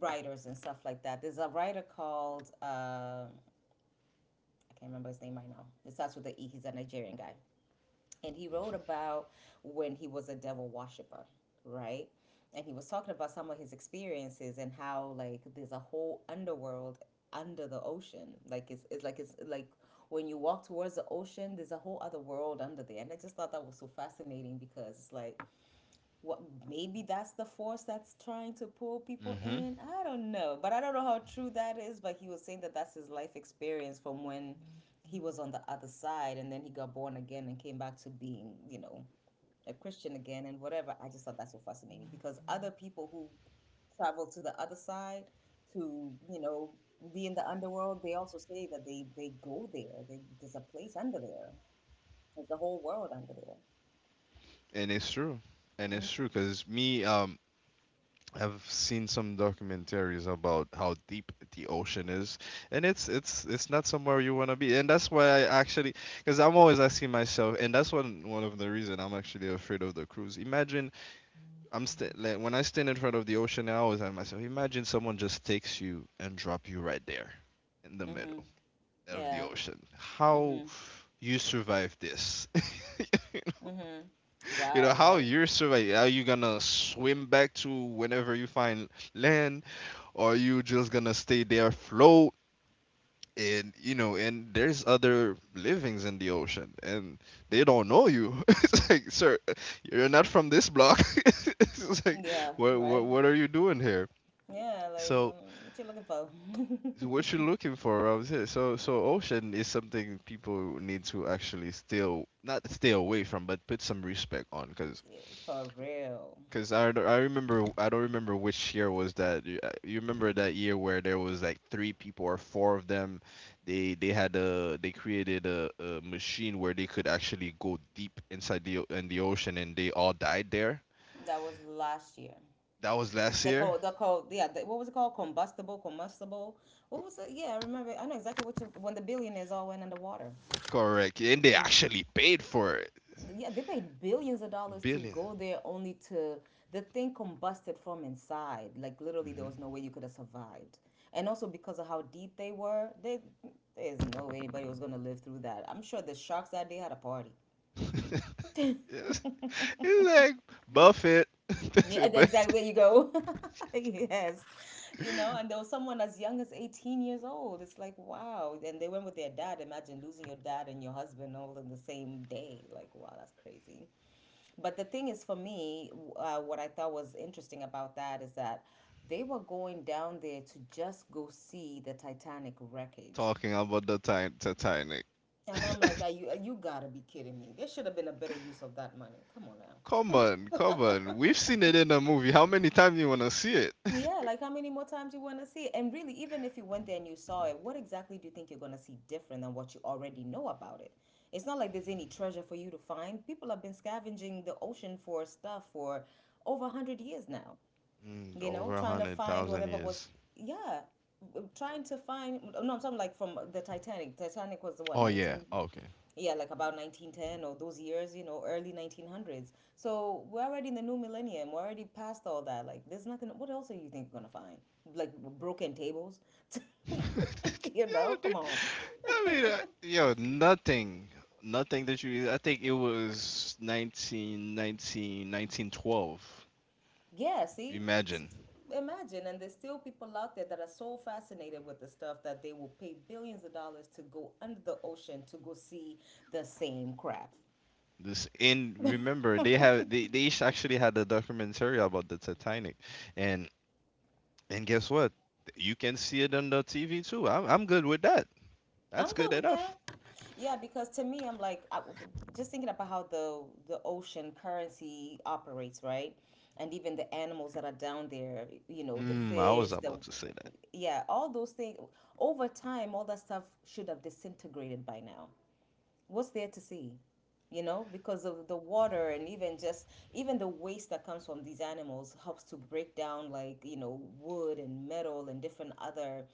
writers and stuff like that. There's a writer called I can't remember his name right now. It starts with the E. He's a Nigerian guy, and he wrote about when he was a devil worshiper, right? And he was talking about some of his experiences and how like there's a whole underworld under the ocean. Like it's, it's like when you walk towards the ocean, there's a whole other world under there. And I just thought that was so fascinating because it's like what, maybe that's the force that's trying to pull people
know.
in. I don't know, but I don't know how true that is, but he was saying that that's his life experience from when he was on the other side, and then he got born again and came back to being, you know, a Christian again and whatever. I just thought that's so fascinating because other people who travel to the other side to, you know, be in the underworld, they also say that they go there. There's a place under there. There's a whole world under there.
And it's true. And it's true because me, I've seen some documentaries about how deep the ocean is, and it's it's not somewhere you want to be. And that's why I actually, because I'm always asking myself, and that's one of the reason I'm actually afraid of the cruise. Imagine like, when I stand in front of the ocean, I always ask myself, imagine someone just takes you and drop you right there in the
Mm-hmm.
middle of the
Yeah.
ocean. How you survive this?
Mm-hmm.
You know
Wow,
how
right?
you're surviving, are you gonna swim back to whenever you find land, or are you just gonna stay there float, and you know, and there's other livings in the ocean, and they don't know you. It's like, sir, you're not from this block. It's like,
Yeah, right?
what are you doing here,
Yeah, like
so
what you looking for?
so what you're looking for around here. So so ocean is something people need to actually still not stay away from but put some respect on.
Yeah, for real.
Cause I remember, I don't remember which year was that. You, you remember that year where there was like three people or four of them. They had a they created a machine where they could actually go deep inside in the ocean and they all died there.
That was last year.
That was last year.
The co Yeah, the, what was it called? Combustible. What
Co-
was it? Yeah, I remember. I know exactly what you, when the billionaires all went underwater.
correct. And they actually paid for it.
Yeah, they pay billions of dollars to
Billion.
go there only to the thing combusted from inside. Like literally, there
Mm-hmm.
was no way you could have survived. And also because of how deep they were, they, there's no way anybody was gonna live through that. I'm sure the sharks that day had a party.
it's, it's like Buffett.
Yeah,
But
exactly. There you go. Yes. You know, and there was someone as young as 18 years old. It's like, wow. And they went with their dad. Imagine losing your dad and your husband all in the same day. Like, wow, that's crazy. But the thing is, for me, what I thought was interesting about that is that they were going down there to just go see the Titanic wreckage.
talking about the Titanic.
And I'm like, are you, you gotta be kidding me. There should have been a better use of that money. Come on
Come on, come on. We've
now.
seen it in a movie. How many times you wanna see it?
Yeah, like how many more times you want to see it? And really, even if you went there and you saw it, what exactly do you think you're going to see different than what you already know about it? It's not like there's any treasure for you to find. People have been scavenging the ocean for stuff for over 100 years now.
Mm,
You know,
over a
trying to
hundred
find
thousand
whatever was,
years.
yeah, trying to find, no, I'm talking like from the Titanic. Titanic was the what,
Oh yeah.
19,
Okay.
yeah, like about 1910 or those years, you know, early 1900s. So we're already in the new millennium. We're already past all that. Like, there's nothing, what else are you think you're going to find? Like, broken tables? You
Yo,
know,
dude.
come on.
I mean, yo, nothing, nothing that you. I think it was 19, 1912.
Yeah, see,
Imagine
imagine, and there's still people out there that are so fascinated with the stuff that they will pay billions of dollars to go under the ocean to go see the same crap.
this. And remember,
I'm
they
good
have they each actually had a documentary about the Titanic, and and guess what? You can see it on the TV too. I'm good with that. That's good
with that.
enough.
Yeah, because to me, I'm like, just thinking about how the ocean currency operates, right? And even the animals that are down there, you know, the
Mm, I was
fish, the
about to say that.
yeah, all those things. Over time, all that stuff should have disintegrated by now. What's there to see? You know, because of the water and even just even the waste that comes from these animals helps to break down, like, you know, wood and metal and different other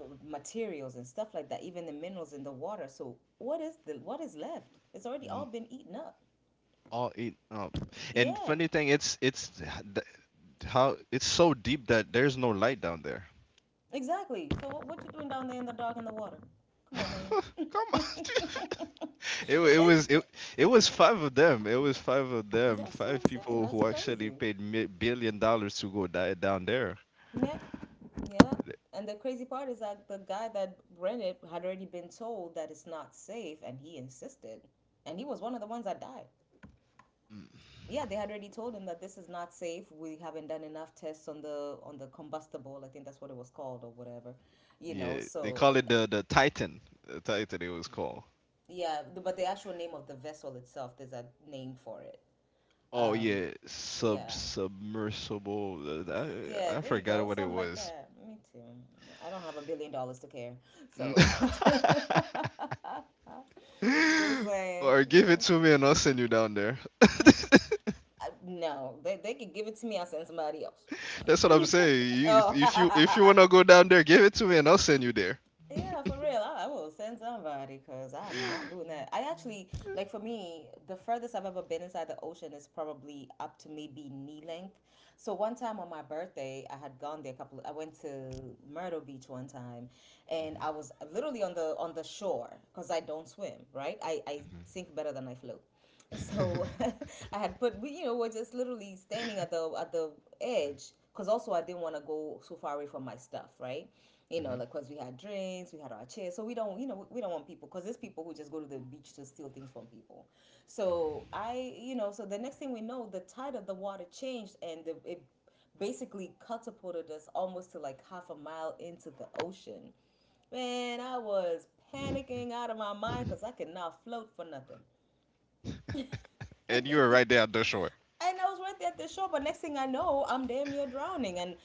materials and stuff like that, even the minerals in the water. So what is the what is left? It's already all been eaten up.
All eaten up. And
Yeah,
funny thing, th- how it's so deep that there's no light down there.
exactly. So what you doing down there in the dark in the water? Come on, man.
Come on,
It's
it wa- it was it it was five of them. It was five of them.
that's what
Five
I'm saying,
people
that's
who actually
crazy.
paid billion dollars to go die down there.
Yeah, yeah.
Th-
And the crazy part is that the guy that ran it had already been told that it's not safe, and he insisted. And he was one of the ones that died. Yeah, they had already told him that this is not safe. We haven't done enough tests on the combustible. I think that's what it was called or whatever, you know.
Yeah, they
So uh,
call it the Titan. The Titan it was called.
yeah, but the actual name of the vessel itself, there's a name for it.
Oh
Um,
yeah,
yeah.
submersible. Th-
Yeah,
I
there you
forgot
go.
what it
Something like
was.
that. Me too. I don't have a billion dollars to care. So, just saying,
Or
you
give it
know.
to me and I'll send you down.
Mm-mm. No, they could give it to me. I'll send somebody else.
That's what I'm saying. You,
Oh,
if you wanna go down there, give it to me and I'll send you there.
yeah, for real. I will send somebody because I'm not doing that. I actually, like, for me, the furthest I've ever been inside the ocean is probably up to maybe knee length. So, one time on my birthday, I had gone there a couple, I went to Myrtle Beach one time and
Mhm,
I was literally on the shore because I don't swim, right? I sink better than I float. So I had put we you know we're just literally standing at the edge because also I didn't want to go so far away from my stuff, right? You know,
mhm,
like, because we had drinks, we had our chairs, so we don't, we don't want people because there's people who just go to the beach to steal things from people. So
mhm.
so the next thing we know, the tide of the water changed and it basically catapulted us almost to like half a mile into the ocean. Man, I was panicking out of my mind
Mhm.
because I could not float for nothing.
And
And
you are right there at
I
the shore.
was right there at the shore, but next thing I know, I'm damn near drowning. And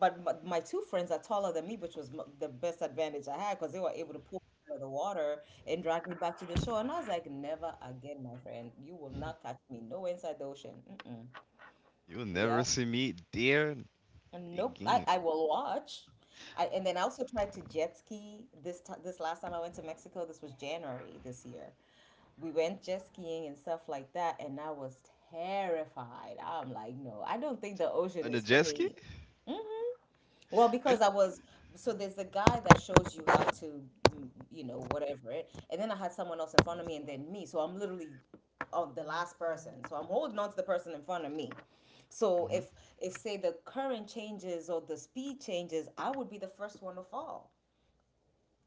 but my two friends are taller than me, which was the best advantage I had because they were able to pull me out of the water and drag me back to the shore. And I was like, never again, my friend. You will not catch me. No inside the ocean. Mm-mm.
You'll never
Yeah.
see me there
Nope.
again.
I will watch. And then I also tried to jet ski this this last time I went to Mexico. This was January this year, we went jet skiing and stuff like that, and I was terrified. I'm like, no, I don't think the ocean
On the
is for
jet ski?
me. Hmm. Well,
I...
because I was, so there's a guy that shows you how to, you know, whatever it, and then I had someone else in front of me and then me. So I'm literally oh, the last person. So I'm holding on to the person in front of me. So
Hmm.
if say the current changes or the speed changes, I would be the first one to fall.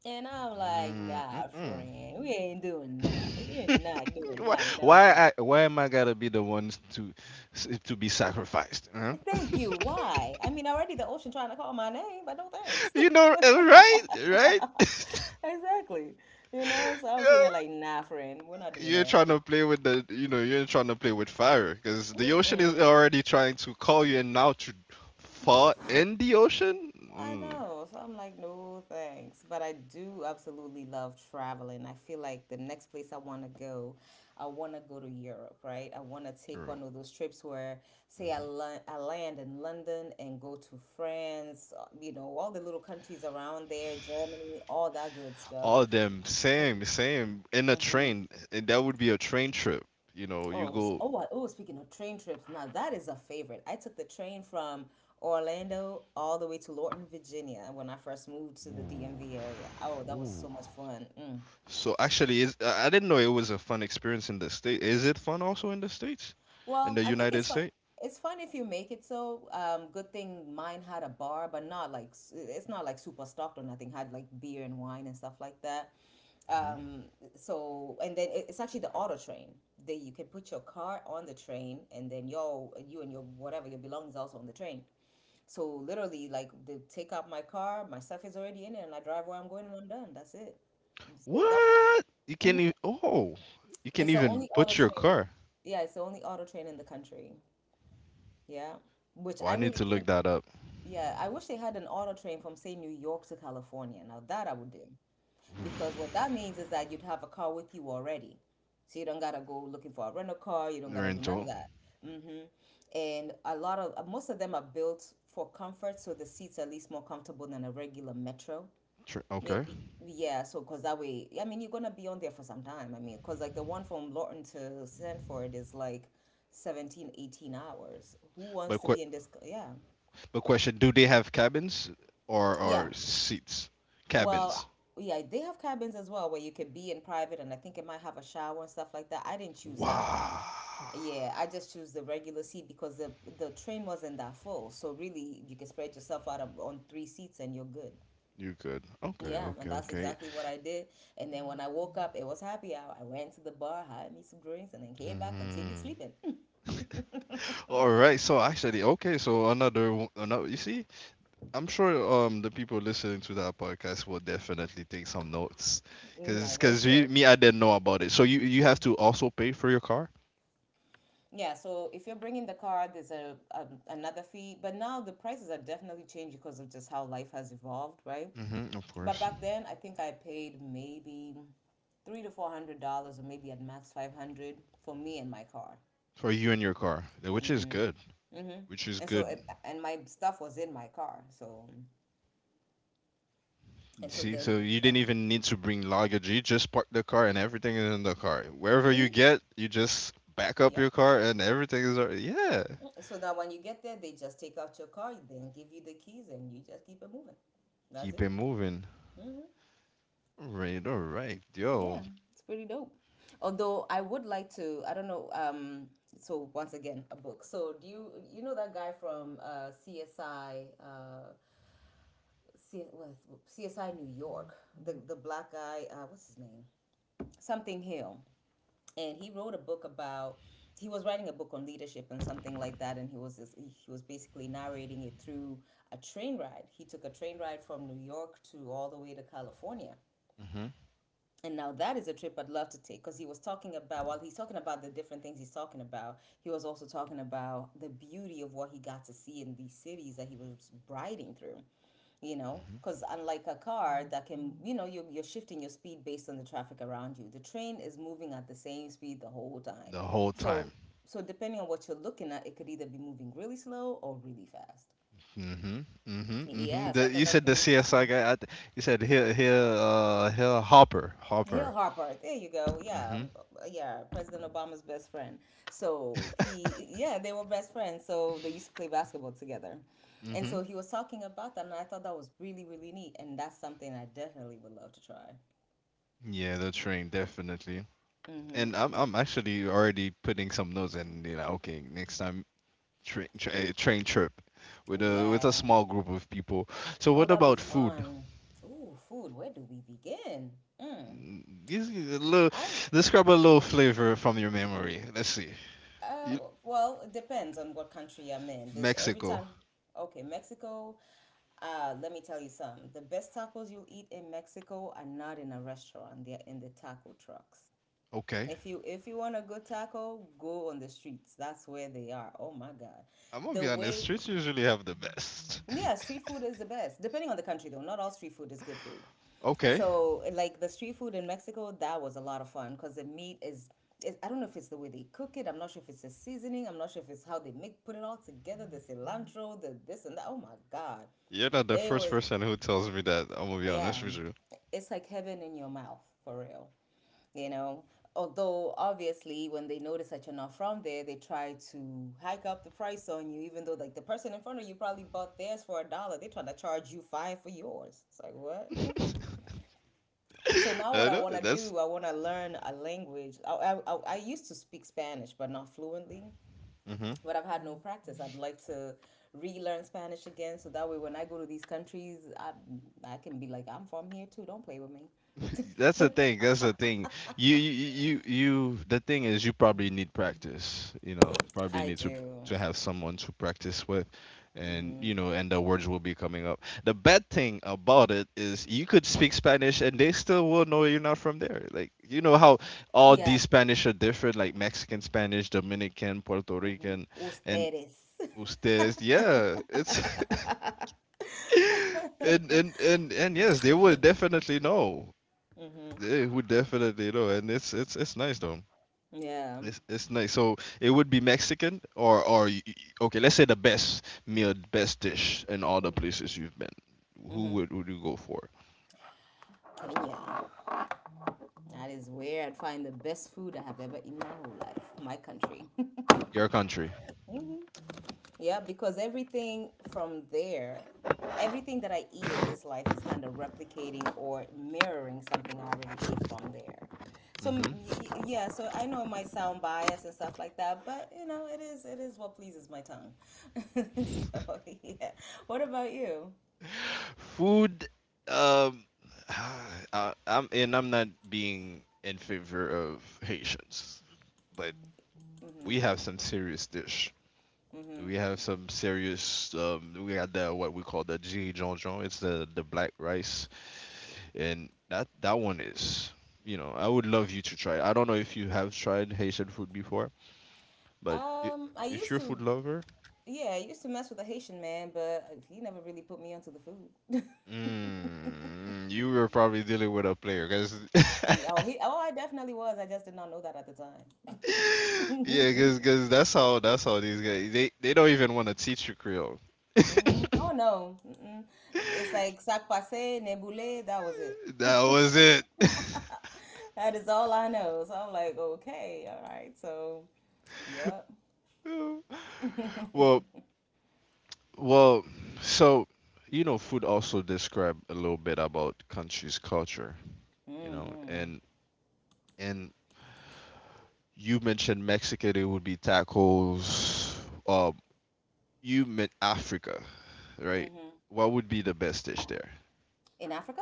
And I'm like, nah,
Mm-mm.
friend, we ain't doing that. We're not doing that no more.
Why am I gotta be the ones to to be sacrificed? Huh?
Thank you. Why? I mean, already the ocean trying to call my name, but no thanks.
You know, right, right.
Exactly. You know, so I'm sitting there
Yeah,
like, nah, friend, we're not doing
you ain't trying to play with the, you know, you ain't trying to play with fire because the ocean is
that.
already trying to call you and now to fall in the ocean.
I
Mm,
know. So I'm like, no thanks. But I do absolutely love traveling. I feel like the next place I want to go, I want to go to Europe, right? I want to take
bro.
one of those trips where, say,
Mhm.
I land in London and go to France, you know, all the little countries around there, Germany, all that good stuff.
All of them same same in a
Mm-hmm.
train, and that would be a train trip, you know, you
Oh,
go.
oh, oh, speaking of train trips, now that is a favorite. I took the train from Orlando all the way to Lorton, Virginia when I first moved to the
Ooh.
DMV area. Oh, that was so
Ooh.
much fun. Mm.
So actually is I didn't know it was a fun experience in the state. Is it fun also in the states, in
Well,
the
I think
United
it's fun.
States?
It's fun if you make it so. Good thing mine had a bar, but not like it's not like super stocked or nothing. Had like beer and wine and stuff like that.
Mhm.
Um, so and then it's actually the auto train. They you can put your car on the train and then you and your whatever your belongings also on the train. So literally, like they take out my car, my stuff is already in it, and I drive where I'm going, and I'm done. That's it. So that
What you can
Mhm.
even. Oh, you can
It's the
even
only auto
put your
train in,
car.
yeah, it's the only auto train in the country. Yeah, which
Oh,
I
I need
really
to look
think.
that up.
Yeah, I wish they had an auto train from say New York to California. Now that I would do. Because what that means is that you'd have a car with you already. So you don't gotta go looking for a rental car, you don't gotta do none of
Rental.
that. Hmm. And a lot of most of them are built for comfort, so the seats are at least more comfortable than a regular metro. Yeah,
Okay.
yeah, so because that way, I mean, you're gonna be on there for some time. I mean, because like the one from Lawton to Sanford is like 17, 18 hours. Who wants
But
to
que-
be in this? Yeah.
but question: do they have cabins
Yeah.
or seats?
Well,
Cabins.
yeah, they have cabins as well where you can be in private, and I think it might have a shower and stuff like that. I didn't choose that one.
Wow.
Yeah, I just choose the regular seat because the train wasn't that full. So really, you can spread yourself out on 3 seats and you're good.
You good? Okay.
Yeah, and
Okay.
that's
Okay.
exactly what I did. And then when I woke up, it was happy hour. I went to the bar, had me some drinks, and then came back, continued
Mhm.
sleeping.
All right. So actually, okay. So another another. You see, I'm sure the people listening to that podcast will definitely take some notes,
Mm, I
cause
hope
cause you,
so.
me, I didn't know about it. So you have to also pay for your car.
Yeah, so if you're bringing the car, there's a another fee, but now the prices are definitely changed because of just how life has evolved, right?
Mm-hmm, of
But
course.
back then, I think I paid maybe three to four hundred dollars, or maybe at max 500 for me and my car.
For you and your car, which is
Hmm.
good,
Hmm.
which is
And so,
good.
it, and my stuff was in my car. So, and so
See,
then,
so you didn't even need to bring luggage. You just park the car and everything is in the car. Wherever
hmm,
you get, you just back up
yep.
your car and everything is already, yeah.
Mm-hmm. So now, when you get there, they just take out your car, then give you the keys, and you just keep it moving. That's
Keep it
it.
moving. All right,
Yeah,
yo.
it's pretty dope. Although I would like to, I don't know. So once again, a book. So do you know that guy from CSI? C- what, CSI New York, the black guy, what's his name? Something Hill, and he wrote a book about. He was writing a book on leadership and something like that, and he was just, he was basically narrating it through a train ride. He took a train ride from New York to all the way to California,
Hmm
and now that is a trip I'd love to take because he was talking about, while he's talking about the different things he's talking about, he was also talking about the beauty of what he got to see in these cities that he was riding through. You know,
hmm
because unlike a car that can, you know, you're shifting your speed based on the traffic around you, the train is moving at the same speed the whole time.
The whole
So,
time.
so depending on what you're looking at, it could either be moving really slow or really fast.
Mm-hmm. Mm-hmm.
Yeah,
Mm-hmm.
so I thought
You
that's
said the
pretty
CSI
interesting.
guy. You said he'll Hopper
Hale
Hopper.
Harper, there you go. Yeah,
Mm-hmm.
yeah, President Obama's best friend. So he, yeah, they were best friends. So they used to play basketball together. And so
Mm-hmm.
he was talking about that, and I thought that was really, really neat. And that's something I definitely would love to try.
Yeah, the train definitely.
Mm-hmm.
And I'm
Yeah.
I'm actually already putting some notes, and you know, okay, next time train trip with a
Yeah.
small group of people. So
Oh,
what
that'd be
about food?
fun. Ooh, food. Where do we begin? Mm.
Mm, give me a little,
I,
describe a little flavor from your memory. Let's see.
uh,
You-
well, it depends on what country I'm in. There's every time.
Mexico.
Okay, Mexico. Let me tell you some. The best tacos you'll eat in Mexico are not in a restaurant. They're in the taco trucks.
Okay.
If you want a good taco, go on the streets. That's where they are. Oh my God.
I'm gonna be
The
honest,
way
streets usually have the best.
yeah, street food is the best. Depending on the country though. Not all street food is good food.
Okay.
So like the street food in Mexico, that was a lot of fun because the meat is it, I don't know if it's the way they cook it. I'm not sure if it's the seasoning. I'm not sure if it's how they make put it all together. The cilantro, the this and that. Oh my God,
You're not the
it
first
was.
person who tells me that. I'm gonna be
Yeah,
honest with you.
it's like heaven in your mouth for real, you know. Although, obviously, when they notice that you're not from there, they try to hike up the price on you, even though, like, the person in front of you probably bought theirs for a dollar. They're trying to charge you five for yours. It's like, what? So now
I
what I
know
want to
that's.
do, I want to learn a language. I used to speak Spanish, but not fluently,
Mm-hmm.
but I've had no practice. I'd like to relearn Spanish again so that way when I go to these countries, I can be like, I'm from here too. Don't play with me.
That's the thing. That's the thing. The thing is, you probably need practice. You know, probably
I
need
do.
to have someone to practice with, and
Hmm
you know, and the words will be coming up. The bad thing about it is, you could speak Spanish, and they still will know you're not from there. Like, you know how all these
Yeah.
Spanish are different, like Mexican Spanish, Dominican, Puerto
hmm
Rican, and
Ustedes.
ustedes. Yeah, it's. And yes, they would definitely know.
hmm
It would definitely, you know, and it's nice though.
Yeah.
It's nice. So it would be Mexican or okay, let's say the best meal, best dish in all the places you've been. Who
Mm-hmm.
would you go for?
Kenya. That is where I'd find the best food I have ever eaten my whole life. My country.
Your country.
Yeah, because everything from there, everything that I eat in this life is kind of replicating or mirroring something I already ate from there. So
Hmm
yeah, so I know it might sound biased and stuff like that, but you know, it is what pleases my tongue. So yeah. What about you?
Food. Um, I'm, and I'm not being in favor of Haitians, but we have some serious dish. We have some serious. We got the what we call the G John John. It's the black rice, and that that one is, you know, I would love you to try it. I don't know if you have tried Haitian food before, but i-
I
if you're
used
a food
to
lover.
yeah, I used to mess with a Haitian man, but he never really put me onto the food.
Mm, you were probably dealing with a player because
Oh, he oh, I definitely was. I just did not know that at the time.
yeah, because that's how these guys, they don't even want to teach you Creole.
Hmm Oh no, mm-mm. It's like sac passe, nebule. That was it.
That was it.
That is all I know. So I'm like, okay, all right. So, yep. hmm
well well so, you know, food also describe a little bit about country's culture, you know,
hmm
and you mentioned Mexican, it would be tacos. Um, you meant Africa, right? What would be the best dish there?
In Africa?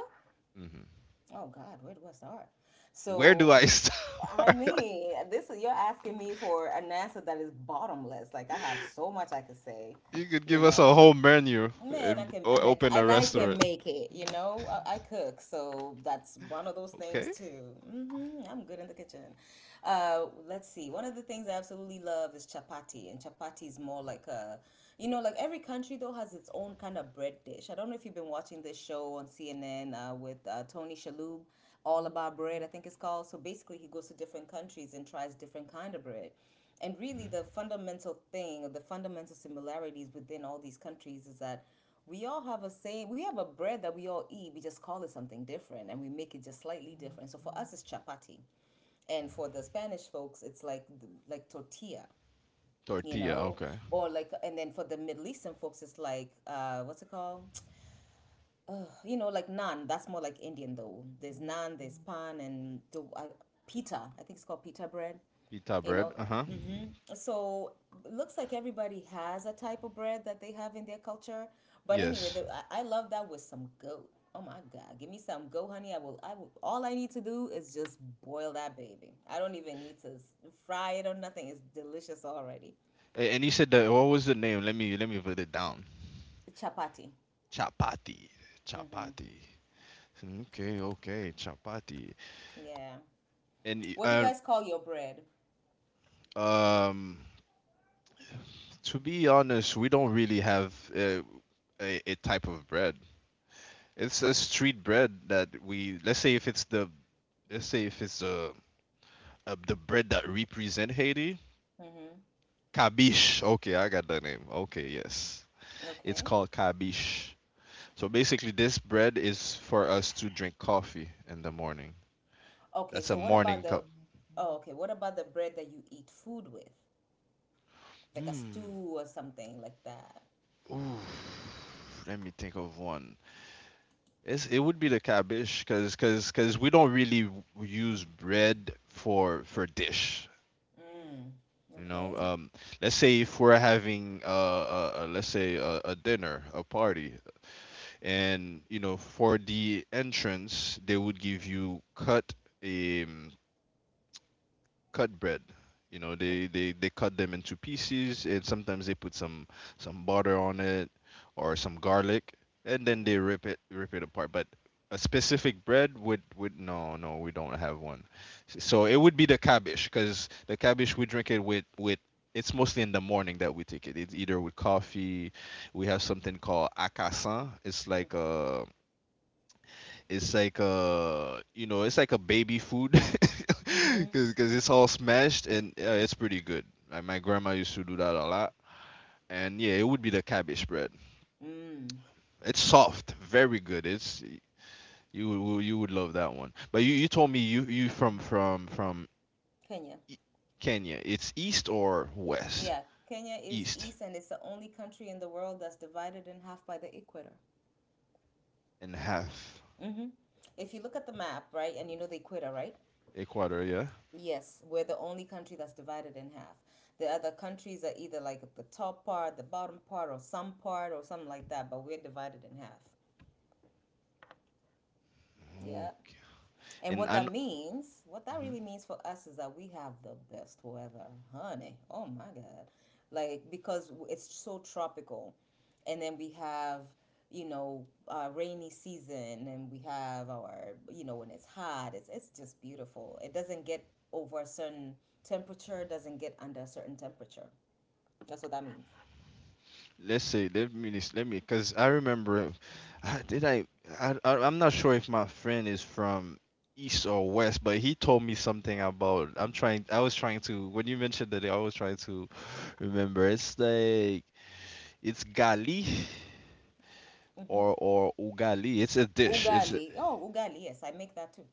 Hmm
Oh God, where do I start?
Where do
So,
I
I
start?
mean, this is you're asking me for an answer that is bottomless. Like I have so much I could say,
You could
you
give us a
know.
whole menu
Man, I
and
can and
open a
I can
restaurant.
make it, you know. I cook, so that's one of those things
Okay.
too. Hmm I'm good in the kitchen. Let's see. One of the things I absolutely love is chapati, and chapati is more like a, you know, like every country though has its own kind of bread dish. I don't know if you've been watching this show on CNN with Tony Shalhoub, All About Bread, I think it's called. So basically, he goes to different countries and tries different kind of bread. And really,
Mhm.
the fundamental thing, or the fundamental similarities within all these countries is that we all have a same, we have a bread that we all eat. We just call it something different, and we make it just slightly different. So for us, it's chapati, and for the Spanish folks, it's like tortilla. You
Tortilla.
know,
Okay.
or like, and then for the Middle Eastern folks, it's like, what's it called? You know, like naan. That's more like Indian though. There's naan, there's pan, and the pita. I think it's called pita bread,
Pita
you know.
bread. Uh huh.
Hmm So looks like everybody has a type of bread that they have in their culture, but anyway
Yes.
I love that with some goat. Oh my god, give me some goat, honey. I will all I need to do is just boil that baby. I don't even need to fry it or nothing, it's delicious already.
And you said that, what was the name? Let me put it down.
Chapati.
Chapati.
Hmm
Chapati. Okay. Okay. Chapati.
Yeah,
And y-
what do you
um
guys call your bread?
um to be honest, we don't really have a type of bread. It's a street bread that we, let's say if it's the, let's say if it's the bread that represent Haiti.
Hmm
Kabish. Okay, I got the name. Okay, yes. It's
Okay,
called kabish. So basically, this bread is for us to drink coffee in the morning.
okay.
That's a
So what about
morning
the
cup.
oh okay, what about the bread that you eat food with, like a
Hmm.
stew or something like that?
Ooh. Let me think of one. It's, it would be the cabbage because cause we don't really use bread for dish.
Mm.
You
Okay.
know, let's say if we're having let's say a dinner, a party, and you know, for the entrance they would give you cut, um, cut bread. You know,
Mm-hmm.
they cut them into pieces, and sometimes they put some butter on it or some garlic, and then they
Mm-hmm.
rip it apart. But a specific bread would, no, no, we don't have one. So it would be the cabbage, because the cabbage we drink it with, it's mostly in the morning that we take it. It's either with coffee. We have something called akasan. It's like a, it's like a, you know, it's like a baby food
Mm. Mm, mm.
because it's all smashed, and it's pretty good. Like my grandma used to do that a lot, and yeah, it would be the cabbage bread.
Mm.
It's soft, very good. It's, you would love that one. But you told me you you from
Kenya.
E- Kenya. It's east or west?
Yeah. Kenya is
East
east and it's the only country in the world that's divided in half by the equator.
and half.
Mm-hmm. If you look at the map, right, and you know the equator, right?
Ecuador, yeah.
Yes, we're the only country that's divided in half. The other countries are either like at the top part, the bottom part, or some part, or something like that, but we're divided in half. Yeah. And
And
what
I know.
that means, what that really means for us is that we have the best weather, honey. Oh my God. Like, because it's so tropical. And then we have, you know, our rainy season and we have our, you know, when it's hot, it's just beautiful. It doesn't get over a certain temperature, doesn't get under a certain temperature. That's what that means.
Let's see. Let me because I remember. I, did I, I? I- I'm not sure if my friend is from east or west, but he told me something about. I'm trying. I was trying to. When you mentioned that, I was trying to remember. It's like, it's gali
Mm-hmm.
or ugali. It's a dish.
Ugali. Oh, ugali. Yes, I make that too.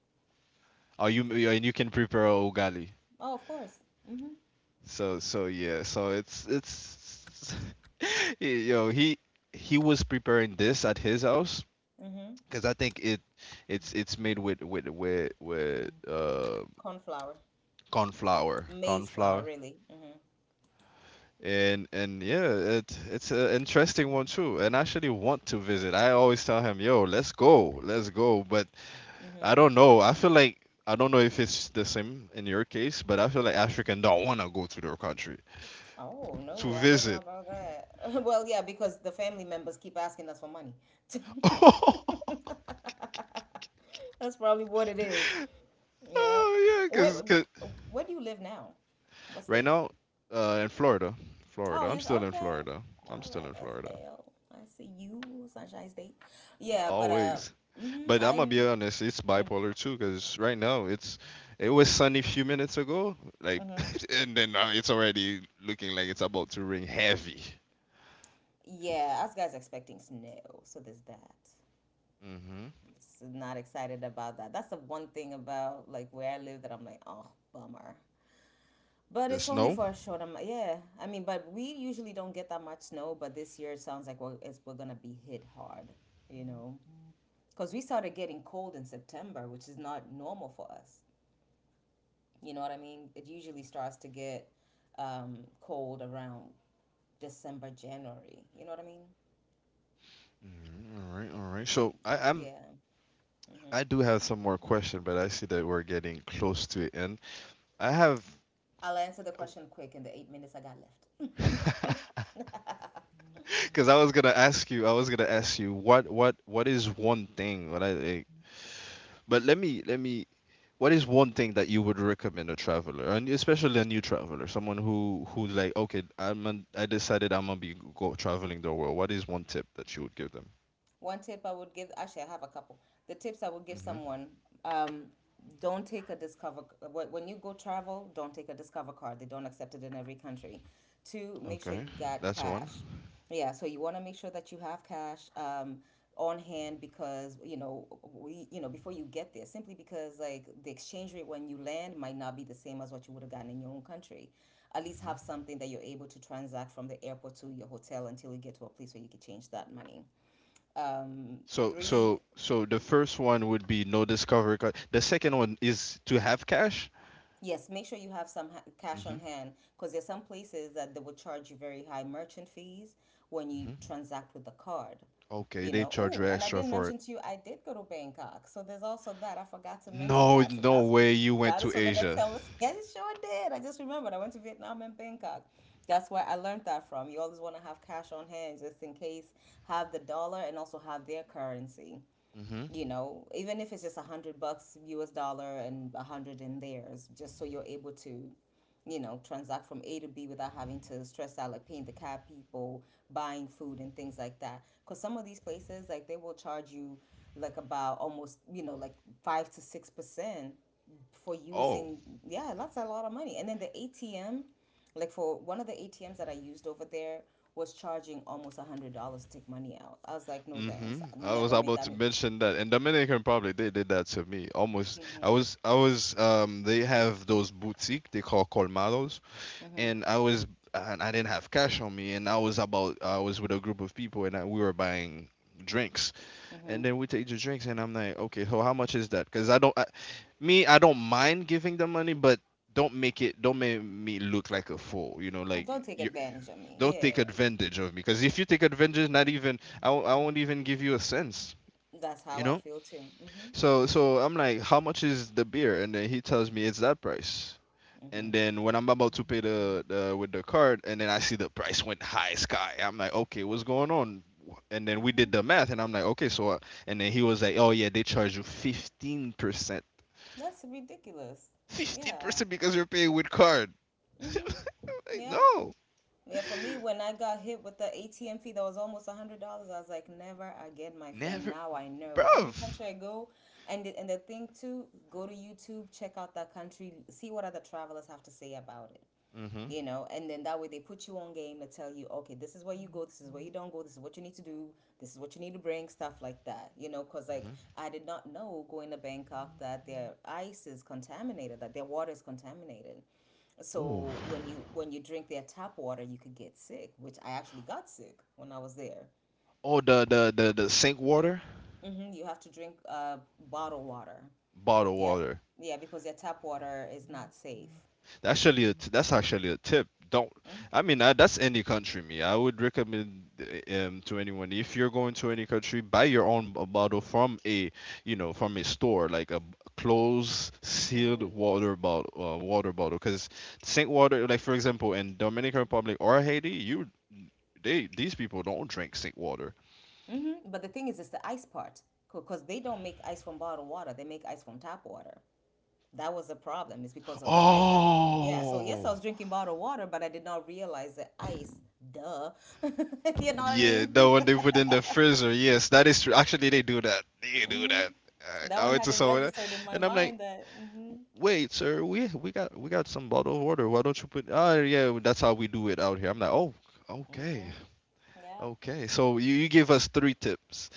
Are you, and you can prepare ugali.
Oh, of course. Mm-hmm.
So so yeah. So it's it's. Yo, he was preparing this at his house,
Mm-hmm.
because I think it it's made with
Cornflour.
corn
Maize flour,
flour,
really. Mm-hmm.
and yeah, it it's an interesting one too. And I actually want to visit. I always tell him, "Yo, let's go, let's go." But I
Mm-hmm.
don't know. I feel like, I don't know if it's the same in your case, but I feel like African don't want to go to their country
Oh,
to
no, I don't know
visit.
about that. Well, yeah, because the family members keep asking us for money. That's probably what it is. Yeah.
Oh yeah,
Where,
cause, 'cause
wh- where do you live now? What
right
state?
now, in Florida, Florida,
Oh,
I'm
yes,
still in
okay.
Florida. I'm
All
still
right,
in
S
Florida.
L. I see you, Sunshine State. Yeah, but
Always.
mm-hmm,
But I'm gonna
I'm,
be honest, it's
mm-hmm.
bipolar too, because right now it's, it was sunny a few minutes ago, like,
Mm-hmm.
and then now it's already looking like it's about to rain heavy.
Yeah, us guys expecting snow, so there's that.
Mm-hmm.
Not excited about that. That's the one thing about like where I live that I'm like, oh, bummer. But
The
it's only
snow.
for a short amount. Yeah, I mean, but we usually don't get that much snow. But this year it sounds like we're gonna be hit hard, you know, because we started getting cold in September, which is not normal for us. You know what I mean? It usually starts to get cold around December, January. You know what I mean?
Mhm. All right, all right. So
Yeah.
I do have some more question, but I see that we're getting close to the end. I have,
I'll answer the question quick in the 8 minutes I got left.
because I was gonna ask you, I was gonna ask you what is one thing, what I but let me. What is one thing that you would recommend a traveler, and especially a new traveler, someone who, like, okay, I decided I'm gonna be go traveling the world. What is one tip that you would give them?
One tip I would give, actually, I have a couple. The tips I would give
Hmm
someone, um, don't take a when you go travel, don't take a Discover card. They don't accept it in every country. Two, make sure
Okay,
you got
that's one.
cash. Yeah, so you want to make sure that you have cash, on hand because you know, before you get there, simply because like the exchange rate when you land might not be the same as what you would have gotten in your own country. At least have something that you're able to transact from the airport to your hotel until you get to a place where you can change that money. um,
So
Three,
so so the first one would be no discovery card. The second one is to have cash.
yes, make sure you have some cash on
Hmm
hand because there's some places that they will charge you very high merchant fees when you
hmm
transact with the card,
Okay,
you
they
know.
charge you
Oh, and I
extra
didn't
for
mention
it.
to you, I did go to Bangkok, so there's also that. I forgot to mention
No,
that, so
no
that's
way you went
that is
to
for the next
Asia.
conversation. I sure did. I just remembered, I went to Vietnam and Bangkok. That's where I learned that from. You always want to have cash on hand just in case, have the dollar and also have their currency,
Hmm
you know, even if it's just $100 US dollar and 100 in theirs, just so you're able to, you know, transact from A to B without having to stress out, like paying the cab people, buying food and things like that. Because some of these places, like they will charge you like about almost, you know, like 5 to 6% for
Oh.
using. Yeah, that's a lot of money. And then the ATM, like for one of the ATMs that I used over there was charging almost $100 to take money out. I was like, no thanks,
hmm
I
I was
never make
about
that.
to mention that, and Dominican Republic they did that to me almost.
Mhm.
I was They have those boutique, they call colmados,
Mhm.
and I was, and I didn't have cash on me, and I was with a group of people, and we were buying drinks, and
Mhm.
then we take the drinks, and I'm like, okay, so how much is that? Because I don't I, me, I don't mind giving the money, but don't make it, don't make me look like a
Don't
fool, you know, like.
don't take
You.
advantage of me.
Don't take
Yeah.
advantage of me, because if you take advantage, not even I won't even give you a cents.
That's how
You
I
know.
feel too. Mhm.
So so I'm like, how much is the beer? And then he tells me it's that price. And
Mhm.
then when I'm about to pay the with the card, and then I see the price went high sky. I'm like, okay, what's going on? And then we did the
Mhm.
math, and I'm like, okay, so. And then he was like, oh yeah, they charge you 15%.
That's ridiculous. Yeah.
15% because you're paying with card.
Mhm.
I'm like,
Yeah.
no,
Yeah, for me when I got hit with the ATM fee that was almost $100, I was like, never again, my friend.
never,
Now I know. Every
bruv.
country I go. And the, and the thing too, go to YouTube, check out that country, see what other travelers have to say about it.
Mm-hmm.
You know, and then that way they put you on game to tell you, okay, this is where you go, this is where you don't go, this is what you need to do, this is what you need to bring, stuff like that, you know, because like
Mm-hmm.
I did not know going to Bangkok that their ice is contaminated, that their water is contaminated.
Ooh.
So when you drink their tap water, you could get sick, which I actually got sick when I was there.
Oh, the sink water,
Hmm You have to drink bottled water.
bottled
Yep.
water.
Yeah, because their tap water is not safe.
That's actually a that's actually a tip. Don't, I mean I, that's any country me. I would recommend to anyone, if you're going to any country, buy your own bottle from a, you know, from a store, like a closed sealed
Mm-hmm.
water bottle, water bottle, because sink water, like for example in Dominican Republic or Haiti, you, they, these people don't drink sink water.
Mm-hmm. But the thing is, it's the ice part because they don't make ice from bottled water; they make ice from tap water. That was the problem. It's because of the ice that, yeah. So yes, I
Oh.
was drinking bottled water, but I did not realize the ice. Duh, you know what I
Yeah,
mean?
the one they put in the freezer. Yes, that is true. Actually, they do that. They do
hmm
that.
And that
I
one
went to
hadn't
someone else,
registered in my
and I'm like,
mind that. Hmm
"Wait, sir, we got some bottle of water. Why don't you put? Oh, yeah, well, that's how we do it out here." I'm like, "Oh, okay,
hmm Yeah,
okay." So you give us three tips.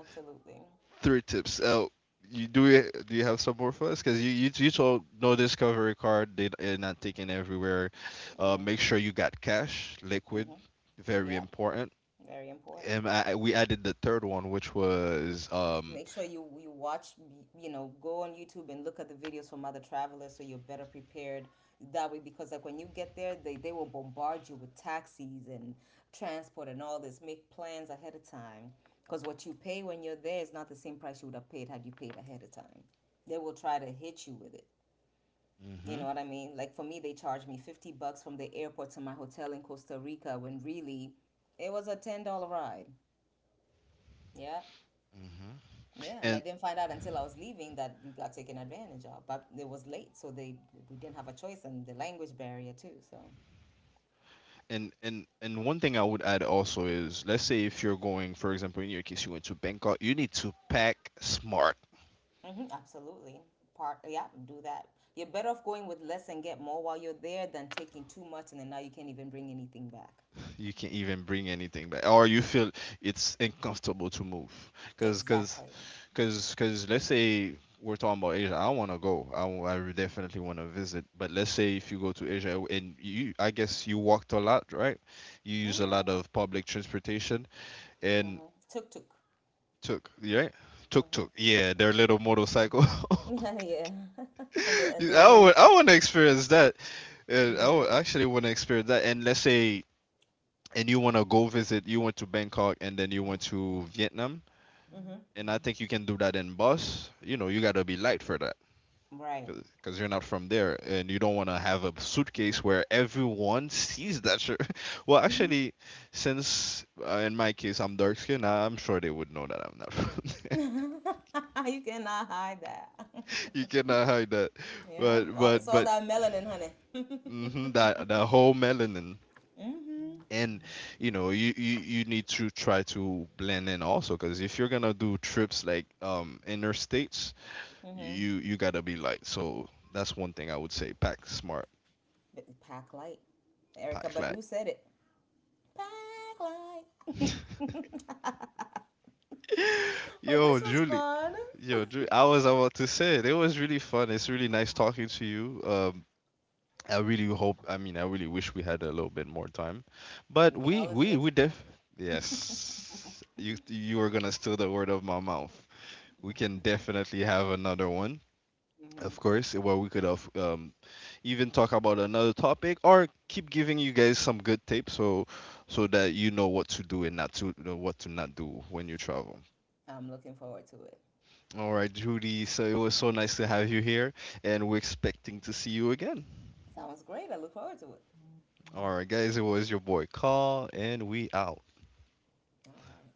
absolutely.
Three tips. You do it, do you have some more for us? Because you you told no discovery card. They're not taking everywhere.
Hmm
Make sure you got cash, liquid,
hmm
very
Yep,
important.
very important.
We added the third one, which was um.
Make sure you you watch, you know, go on YouTube and look at the videos from other travelers so you're better prepared that way, because like when you get there, they will bombard you with taxis and transport and all this. Make plans ahead of time because what you pay when you're there is not the same price you would have paid had you paid ahead of time. They will try to hit you with it, you
Mm-hmm.
know what I mean? Like for me, they charged me 50 bucks from the airport to my hotel in Costa Rica when really it was a $10 ride. Yeah.
Mm-hmm.
Yeah, and I
and
didn't find out until I was leaving that we got taken advantage of. But it was late, so they we didn't have a choice, and the language barrier too. So,
and one thing I would add also is, let's say if you're going, for example, in your case, you went to Bangkok, you need to pack smart.
hmm absolutely, part yeah, do that. You're better off going with less and get more while you're there than taking too much and then now you can't even bring anything back.
You can't even bring anything back, or you feel it's uncomfortable to move, because because
Exactly.
because let's say we're talking about Asia. I want to go, I, w- I re- definitely want to visit. But let's say if you go to Asia, and you, I guess you walked a lot, right? You use a lot
Mm-hmm.
of public transportation. And
Mm-hmm. Tuk tuk.
took, yeah, took took yeah, their little motorcycle.
Mm-hmm. Yeah, and the
I
little.
would, I want to experience that. I would
Mm-hmm.
actually want to experience that, and let's say, and you want to go visit, you went to Bangkok, and then you went to Vietnam,
Mm-hmm.
and I think you can do that in bus. You know, you got to be light for that,
Right.
because you're not from there, and you don't want to have a suitcase where everyone sees that shirt. Well,
Mm-hmm.
actually, since in my case I'm dark skinned, I'm sure they would know that I'm not from.
You cannot hide that.
You cannot hide that.
Yeah, all- it's
But
all
but,
that melanin, honey.
mhm,
Mm-hmm.
that that whole melanin, and you know, you need to try to blend in also, because if you're gonna do trips like interstates,
Mm-hmm.
you gotta be light. So that's one thing I would say. Pack smart,
But pack light. Erica
pack light.
Badu said it. Pack light. Well,
Yo,
this was
Julie.
fun.
Yo, Drew, I was about to say it. It was really fun. It's really nice talking to you. I really hope. I mean, I really wish we had a little bit more time, but
We can always make.
we def yes. You are gonna steal the word of my mouth. We can definitely have another one,
Mm-hmm.
of course, where we could have even talk about another topic, or keep giving you guys some good tips, so so that you know what to do, and not to know what to not do when you travel.
I'm looking forward to it.
All right, Judy. So it was so nice to have you here, and we're expecting to see you again.
Sounds great. I look forward to it.
All right, guys, it was your boy Carl, and we out.
All right.